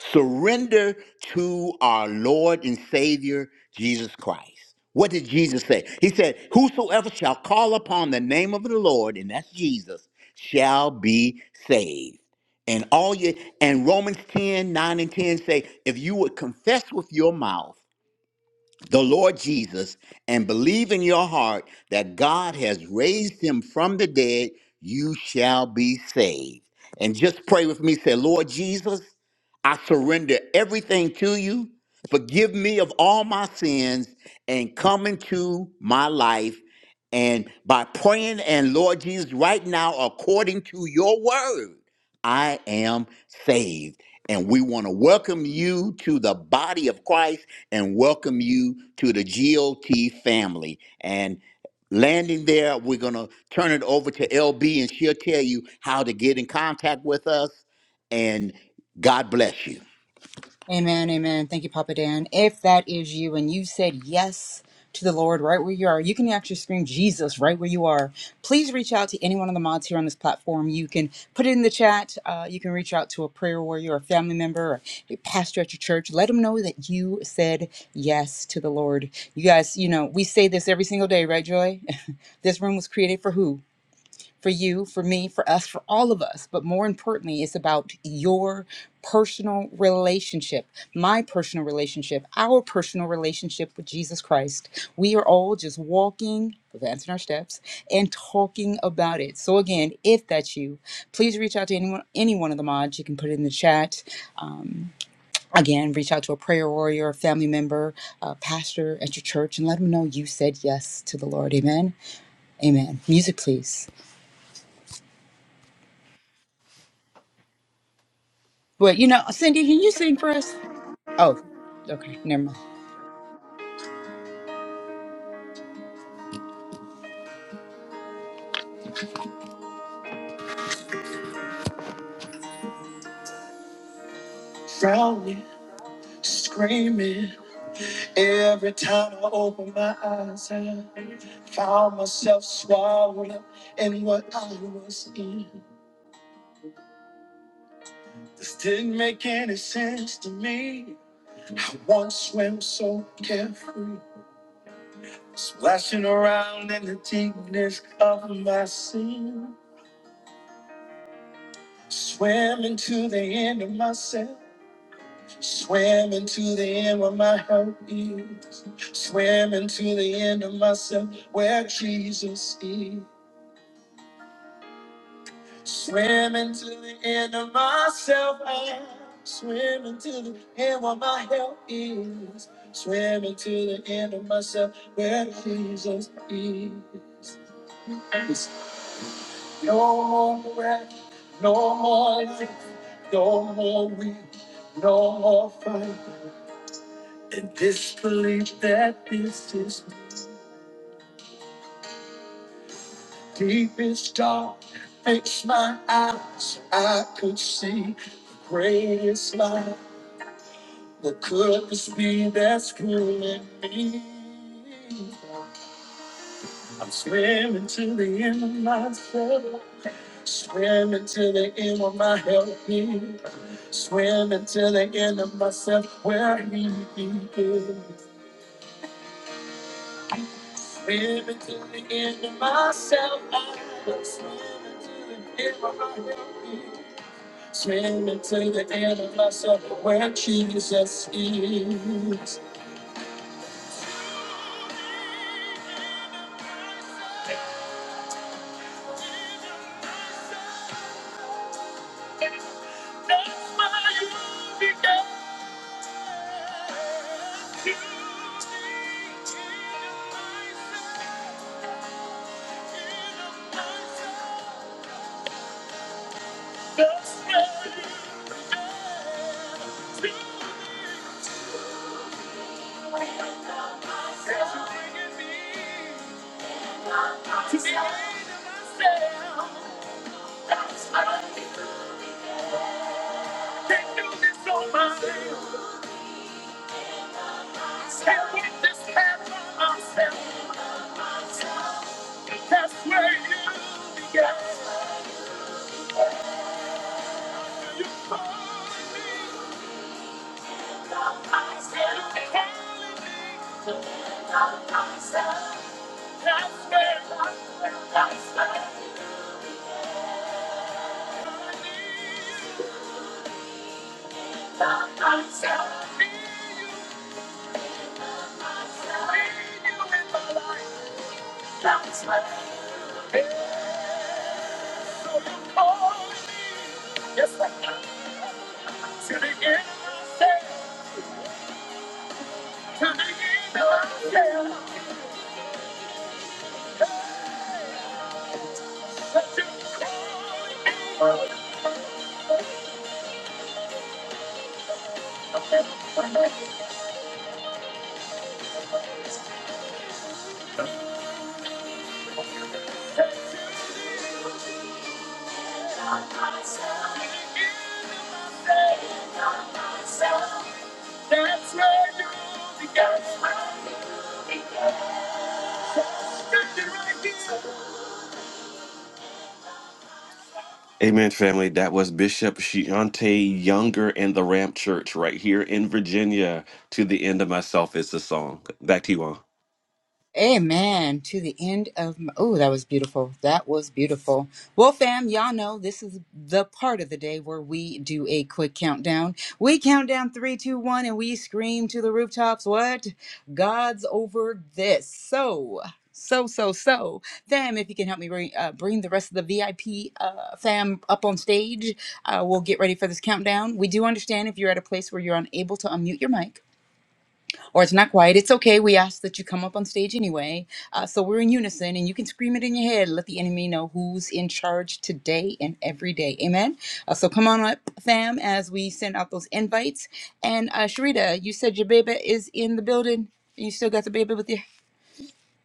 Speaker 5: Surrender to our Lord and Savior, Jesus Christ. What did Jesus say? He said, Whosoever shall call upon the name of the Lord, and that's Jesus, shall be saved. And all you and Romans 10 9 and 10 say, if you would confess with your mouth the Lord Jesus and believe in your heart that God has raised him from the dead, you shall be saved. And just pray with me. Say, Lord Jesus, I surrender everything to you. Forgive me of all my sins and come into my life. And by praying and Lord Jesus, right now, according to your word, I am saved. And we want to welcome you to the body of Christ and welcome you to the GOT family. And landing there, we're going to turn it over to LB and she'll tell you how to get in contact with us. And God bless you.
Speaker 2: Amen, amen. Thank you, Papa Dan. If that is you and you said yes to the Lord right where you are, you can actually scream Jesus right where you are. Please reach out to any one of the mods here on this platform. You can put it in the chat. Uh, you can reach out to a prayer warrior, or a family member, or a pastor at your church. Let them know that you said yes to the Lord. You guys, you know, we say this every single day, right, Joy? this room was created for who? for you, for me, for us, for all of us. But more importantly, it's about your personal relationship, my personal relationship, our personal relationship with Jesus Christ. We are all just walking, advancing our steps, and talking about it. So again, if that's you, please reach out to anyone, any one of the mods. You can put it in the chat. Um, again, reach out to a prayer warrior, a family member, a pastor at your church, and let them know you said yes to the Lord. Amen. Amen. Music, please. But you know, Cindy, can you sing for us? Oh, okay, never mind.
Speaker 3: Drowning, screaming. Every time I open my eyes, I found myself swallowed up in what I was in. This didn't make any sense to me. I once swam so carefree, splashing around in the deepness of my sin. Swam into the end of myself, swam into the end where my help is, swam into the end of myself where Jesus is. Swimming to the end of myself, I'm swimming to the end where my help is. Swimming to the end of myself, where Jesus is. It's no more breath, no more life, no more weak, no more fight. And this belief that this is the deepest dark makes my eyes so I could see the greatest light. What could this be that's killing me? I'm swimming to the end of myself, swimming to the end of my help me, swimming to the end of myself where he is, swimming to the end of myself. I'm swimming to the end of my help me, swimming to the end of myself where Jesus is. That's where you began. To the end of myself, to the end of myself. Amen, family. That was Bishop Shiante Younger and the Ramp Church right here in Virginia. To the end of myself is the song. Back to you all.
Speaker 2: Amen. To the end of my. Oh, that was beautiful. That was beautiful. Well, fam, y'all know this is the part of the day where we do a quick countdown. We count down three, two, one, and we scream to the rooftops. What? God's over this. So. So, so, so, fam, if you can help me bring, uh, bring the rest of the VIP uh, fam up on stage, uh, we'll get ready for this countdown. We do understand if you're at a place where you're unable to unmute your mic or it's not quiet, it's okay. We ask that you come up on stage anyway. Uh, so we're in unison and you can scream it in your head. Let the enemy know who's in charge today and every day. Amen. Uh, so come on up, fam, as we send out those invites. And uh, Sharita, you said your baby is in the building. You still got the baby with you.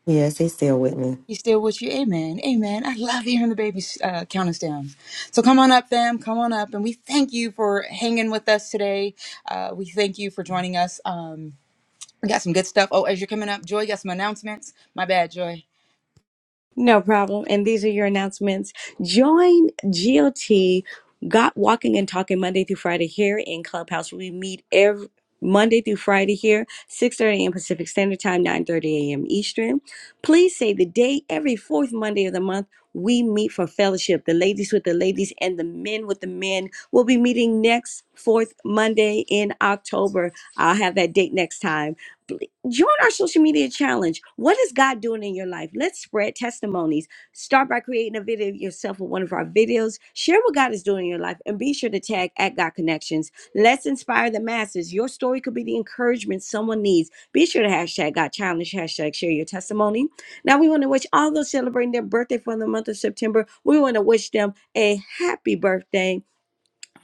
Speaker 11: Yes, he's still with me.
Speaker 2: You still with you. Amen. Amen. I love hearing the baby uh, count us down. So come on up, fam. Come on up. And we thank you for hanging with us today. Uh, we thank you for joining us. Um, we got some good stuff. Oh, as you're coming up, Joy, you got some announcements. My bad, Joy.
Speaker 1: No problem. And these are your announcements. Join GOT, Got Walking and Talking Monday through Friday here in Clubhouse. We meet every Monday through Friday here, 6.30 a.m. Pacific Standard Time, 9.30 a.m. Eastern. Please say the day every fourth Monday of the month we meet for fellowship. The ladies with the ladies and the men with the men will be meeting next fourth Monday in October. I'll have that date next time. Join our social media challenge. What is God doing in your life? Let's spread testimonies. Start by creating a video of yourself with one of our videos. Share what God is doing in your life and be sure to tag at God Connections. Let's inspire the masses. Your story could be the encouragement someone needs. Be sure to hashtag God Challenge, hashtag share your testimony. Now, we want to wish all those celebrating their birthday for the month of September, we want to wish them a happy birthday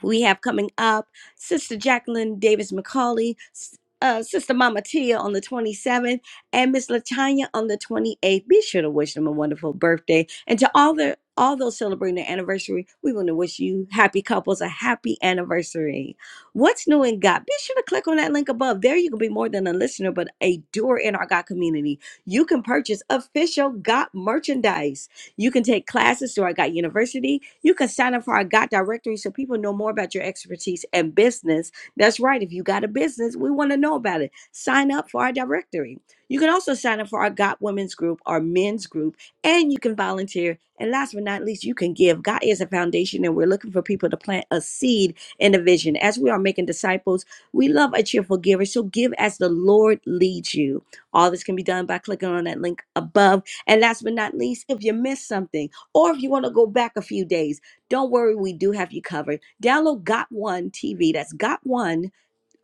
Speaker 1: we have coming up Sister Jacqueline Davis McCauley, S- uh, Sister Mama Tia on the 27th, and Miss Latanya on the 28th. Be sure to wish them a wonderful birthday. And to all the all those celebrating their anniversary, we want to wish you happy couples a happy anniversary. What's new in God? Be sure to click on that link above. There you can be more than a listener, but a doer in our God community. You can purchase official God merchandise you can take classes through our God University. You can sign up for our God Directory so people know more about your expertise and business. That's right. If you got a business, we want to know about it. Sign up for our directory. You can also sign up for our God Women's Group, our men's group, and you can volunteer. And last but not least, you can give. God is a foundation, and we're looking for people to plant a seed in a vision. As we are making disciples, we love a cheerful giver. So give as the Lord leads you. All this can be done by clicking on that link above and last but not least, if you missed something or if you want to go back a few days, don't worry, we do have you covered. Download Got One TV. That's Got One,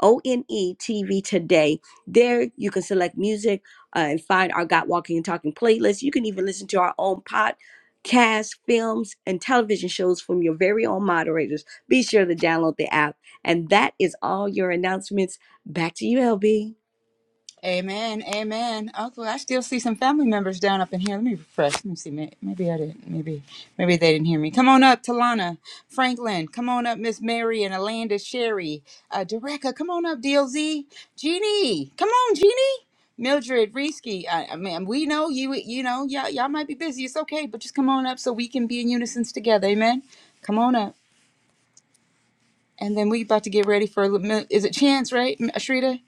Speaker 1: O N E TV today. There you can select music uh, and find our Got Walking and Talking playlist. You can even listen to our own podcast, films, and television shows from your very own moderators. Be sure to download the app. And that is all your announcements. Back to you, LB.
Speaker 2: Amen. Amen. Uncle, I still see some family members down up in here. Let me refresh. Let me see. May- Maybe I didn't. Maybe maybe they didn't hear me. Come on up, Talana, Franklin. Come on up, Miss Mary and Alanda Sherry. Uh, Dereka, come on up, DLZ. Jeannie, come on, Jeannie. Mildred Reesky, I, I mean, we know you. You know, y'all, y'all might be busy. It's okay, but just come on up so we can be in unison together. Amen. Come on up. And then we about to get ready for a little minute. Is it Chance, right? M- Ashrita?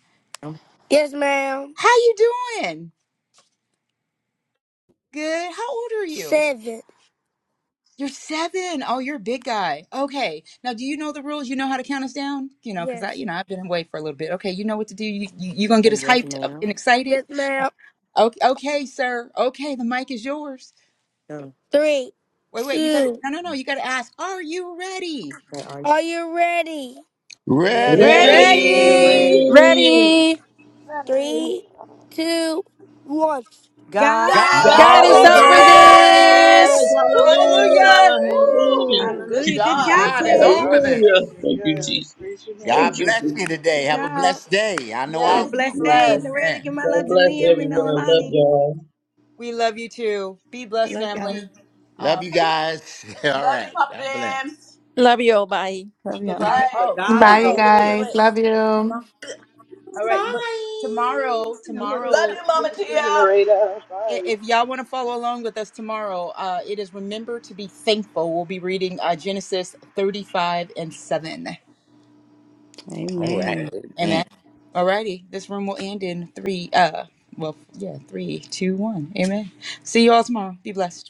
Speaker 11: Yes, ma'am.
Speaker 2: How you doing? Good. How old are you?
Speaker 11: Seven.
Speaker 2: You're seven. Oh, you're a big guy. Okay. Now, do you know the rules? You know how to count us down? You know, because I,
Speaker 11: Yes.
Speaker 2: you know, I've been away for a little bit. Okay. You know what to do. You, you, you going to get
Speaker 11: Say
Speaker 2: us
Speaker 11: yes,
Speaker 2: hyped up and
Speaker 11: ma'am.
Speaker 2: excited?
Speaker 11: Yes, ma'am.
Speaker 2: Okay, okay, sir. Okay. The mic is yours.
Speaker 11: Go. Three,
Speaker 2: Wait, wait. You got to,
Speaker 11: two.
Speaker 2: no, no, no. You got to ask, are you ready?
Speaker 11: Say are you? Are you ready?
Speaker 12: Ready.
Speaker 11: Yes, we're
Speaker 1: Ready?
Speaker 5: Ready.
Speaker 2: Ready.
Speaker 11: ready.
Speaker 13: Ready?
Speaker 14: That
Speaker 11: Three,
Speaker 14: is
Speaker 11: two, one. God. God
Speaker 5: God's
Speaker 1: God's
Speaker 15: God's
Speaker 13: God
Speaker 2: God's
Speaker 12: God
Speaker 13: is
Speaker 12: is
Speaker 5: over
Speaker 1: over
Speaker 2: over
Speaker 14: over
Speaker 13: over
Speaker 15: over
Speaker 12: over
Speaker 14: this.
Speaker 5: this.
Speaker 1: this.
Speaker 15: this, Kim.
Speaker 2: this.
Speaker 12: this.
Speaker 13: this.
Speaker 14: Hallelujah.
Speaker 12: Hallelujah.
Speaker 2: Hallelujah.
Speaker 14: Thank you,
Speaker 15: Woo!
Speaker 12: Hallelujah.
Speaker 14: Lord.
Speaker 5: Woo!
Speaker 15: Good
Speaker 12: Thank
Speaker 1: Hallelujah.
Speaker 12: you,
Speaker 1: Good
Speaker 11: Almighty!
Speaker 15: job.
Speaker 1: job,
Speaker 12: Jesus.
Speaker 5: God is
Speaker 14: You're
Speaker 1: Ted.
Speaker 5: over this.
Speaker 14: awesome.
Speaker 12: Hallelujah.
Speaker 14: You're
Speaker 12: Thank you,
Speaker 14: good.
Speaker 12: Jesus.
Speaker 14: Praise your
Speaker 5: God
Speaker 14: name.
Speaker 12: Thank you,
Speaker 5: bless you
Speaker 12: Jesus.
Speaker 5: today.
Speaker 1: Good
Speaker 5: Have
Speaker 14: Thank
Speaker 5: a
Speaker 14: you.
Speaker 1: job.
Speaker 5: blessed day. I know
Speaker 1: Have
Speaker 5: I
Speaker 1: a
Speaker 2: Yes.
Speaker 12: Thank
Speaker 2: Be
Speaker 5: will.
Speaker 1: blessed
Speaker 12: you,
Speaker 1: day. And
Speaker 12: Jesus.
Speaker 2: blessed.
Speaker 1: Loretta,
Speaker 5: Amen.
Speaker 1: give my
Speaker 12: God
Speaker 1: love to
Speaker 12: bless
Speaker 1: Liam and
Speaker 12: everyone. I love
Speaker 1: Nolani.
Speaker 12: y'all.
Speaker 2: We love you too. Be blessed,
Speaker 1: Love y'all.
Speaker 2: family. Uh,
Speaker 5: Love you guys. All
Speaker 15: Love you,
Speaker 5: right.
Speaker 15: Papa
Speaker 5: God bless.
Speaker 15: Dan.
Speaker 13: Love you all. Bye.
Speaker 2: bye
Speaker 1: Yeah.
Speaker 2: bye.
Speaker 5: Remember,
Speaker 15: Bye.
Speaker 2: Oh,
Speaker 5: God
Speaker 16: Bye,
Speaker 5: is
Speaker 16: you
Speaker 2: tomorrow.
Speaker 5: over
Speaker 2: Wait, wait,
Speaker 5: this.
Speaker 16: guys.
Speaker 2: wait.
Speaker 16: Love you.
Speaker 2: Tomorrow. All right, but tomorrow,
Speaker 5: Little
Speaker 2: tomorrow.
Speaker 15: Love you,
Speaker 14: Good
Speaker 15: Mama
Speaker 14: to see
Speaker 5: bit.
Speaker 14: you,
Speaker 15: Tia.
Speaker 14: Narita.
Speaker 2: i-
Speaker 14: Bye.
Speaker 2: If y'all want to follow along with us tomorrow, uh, it is remember to be thankful. We'll be reading uh, Genesis thirty-five and seven.
Speaker 5: All right.
Speaker 1: Amen.
Speaker 5: Amen.
Speaker 2: Amen. All righty. This room will end in three. Uh, well, yeah, three, two, one. Amen. See you all tomorrow. Be blessed.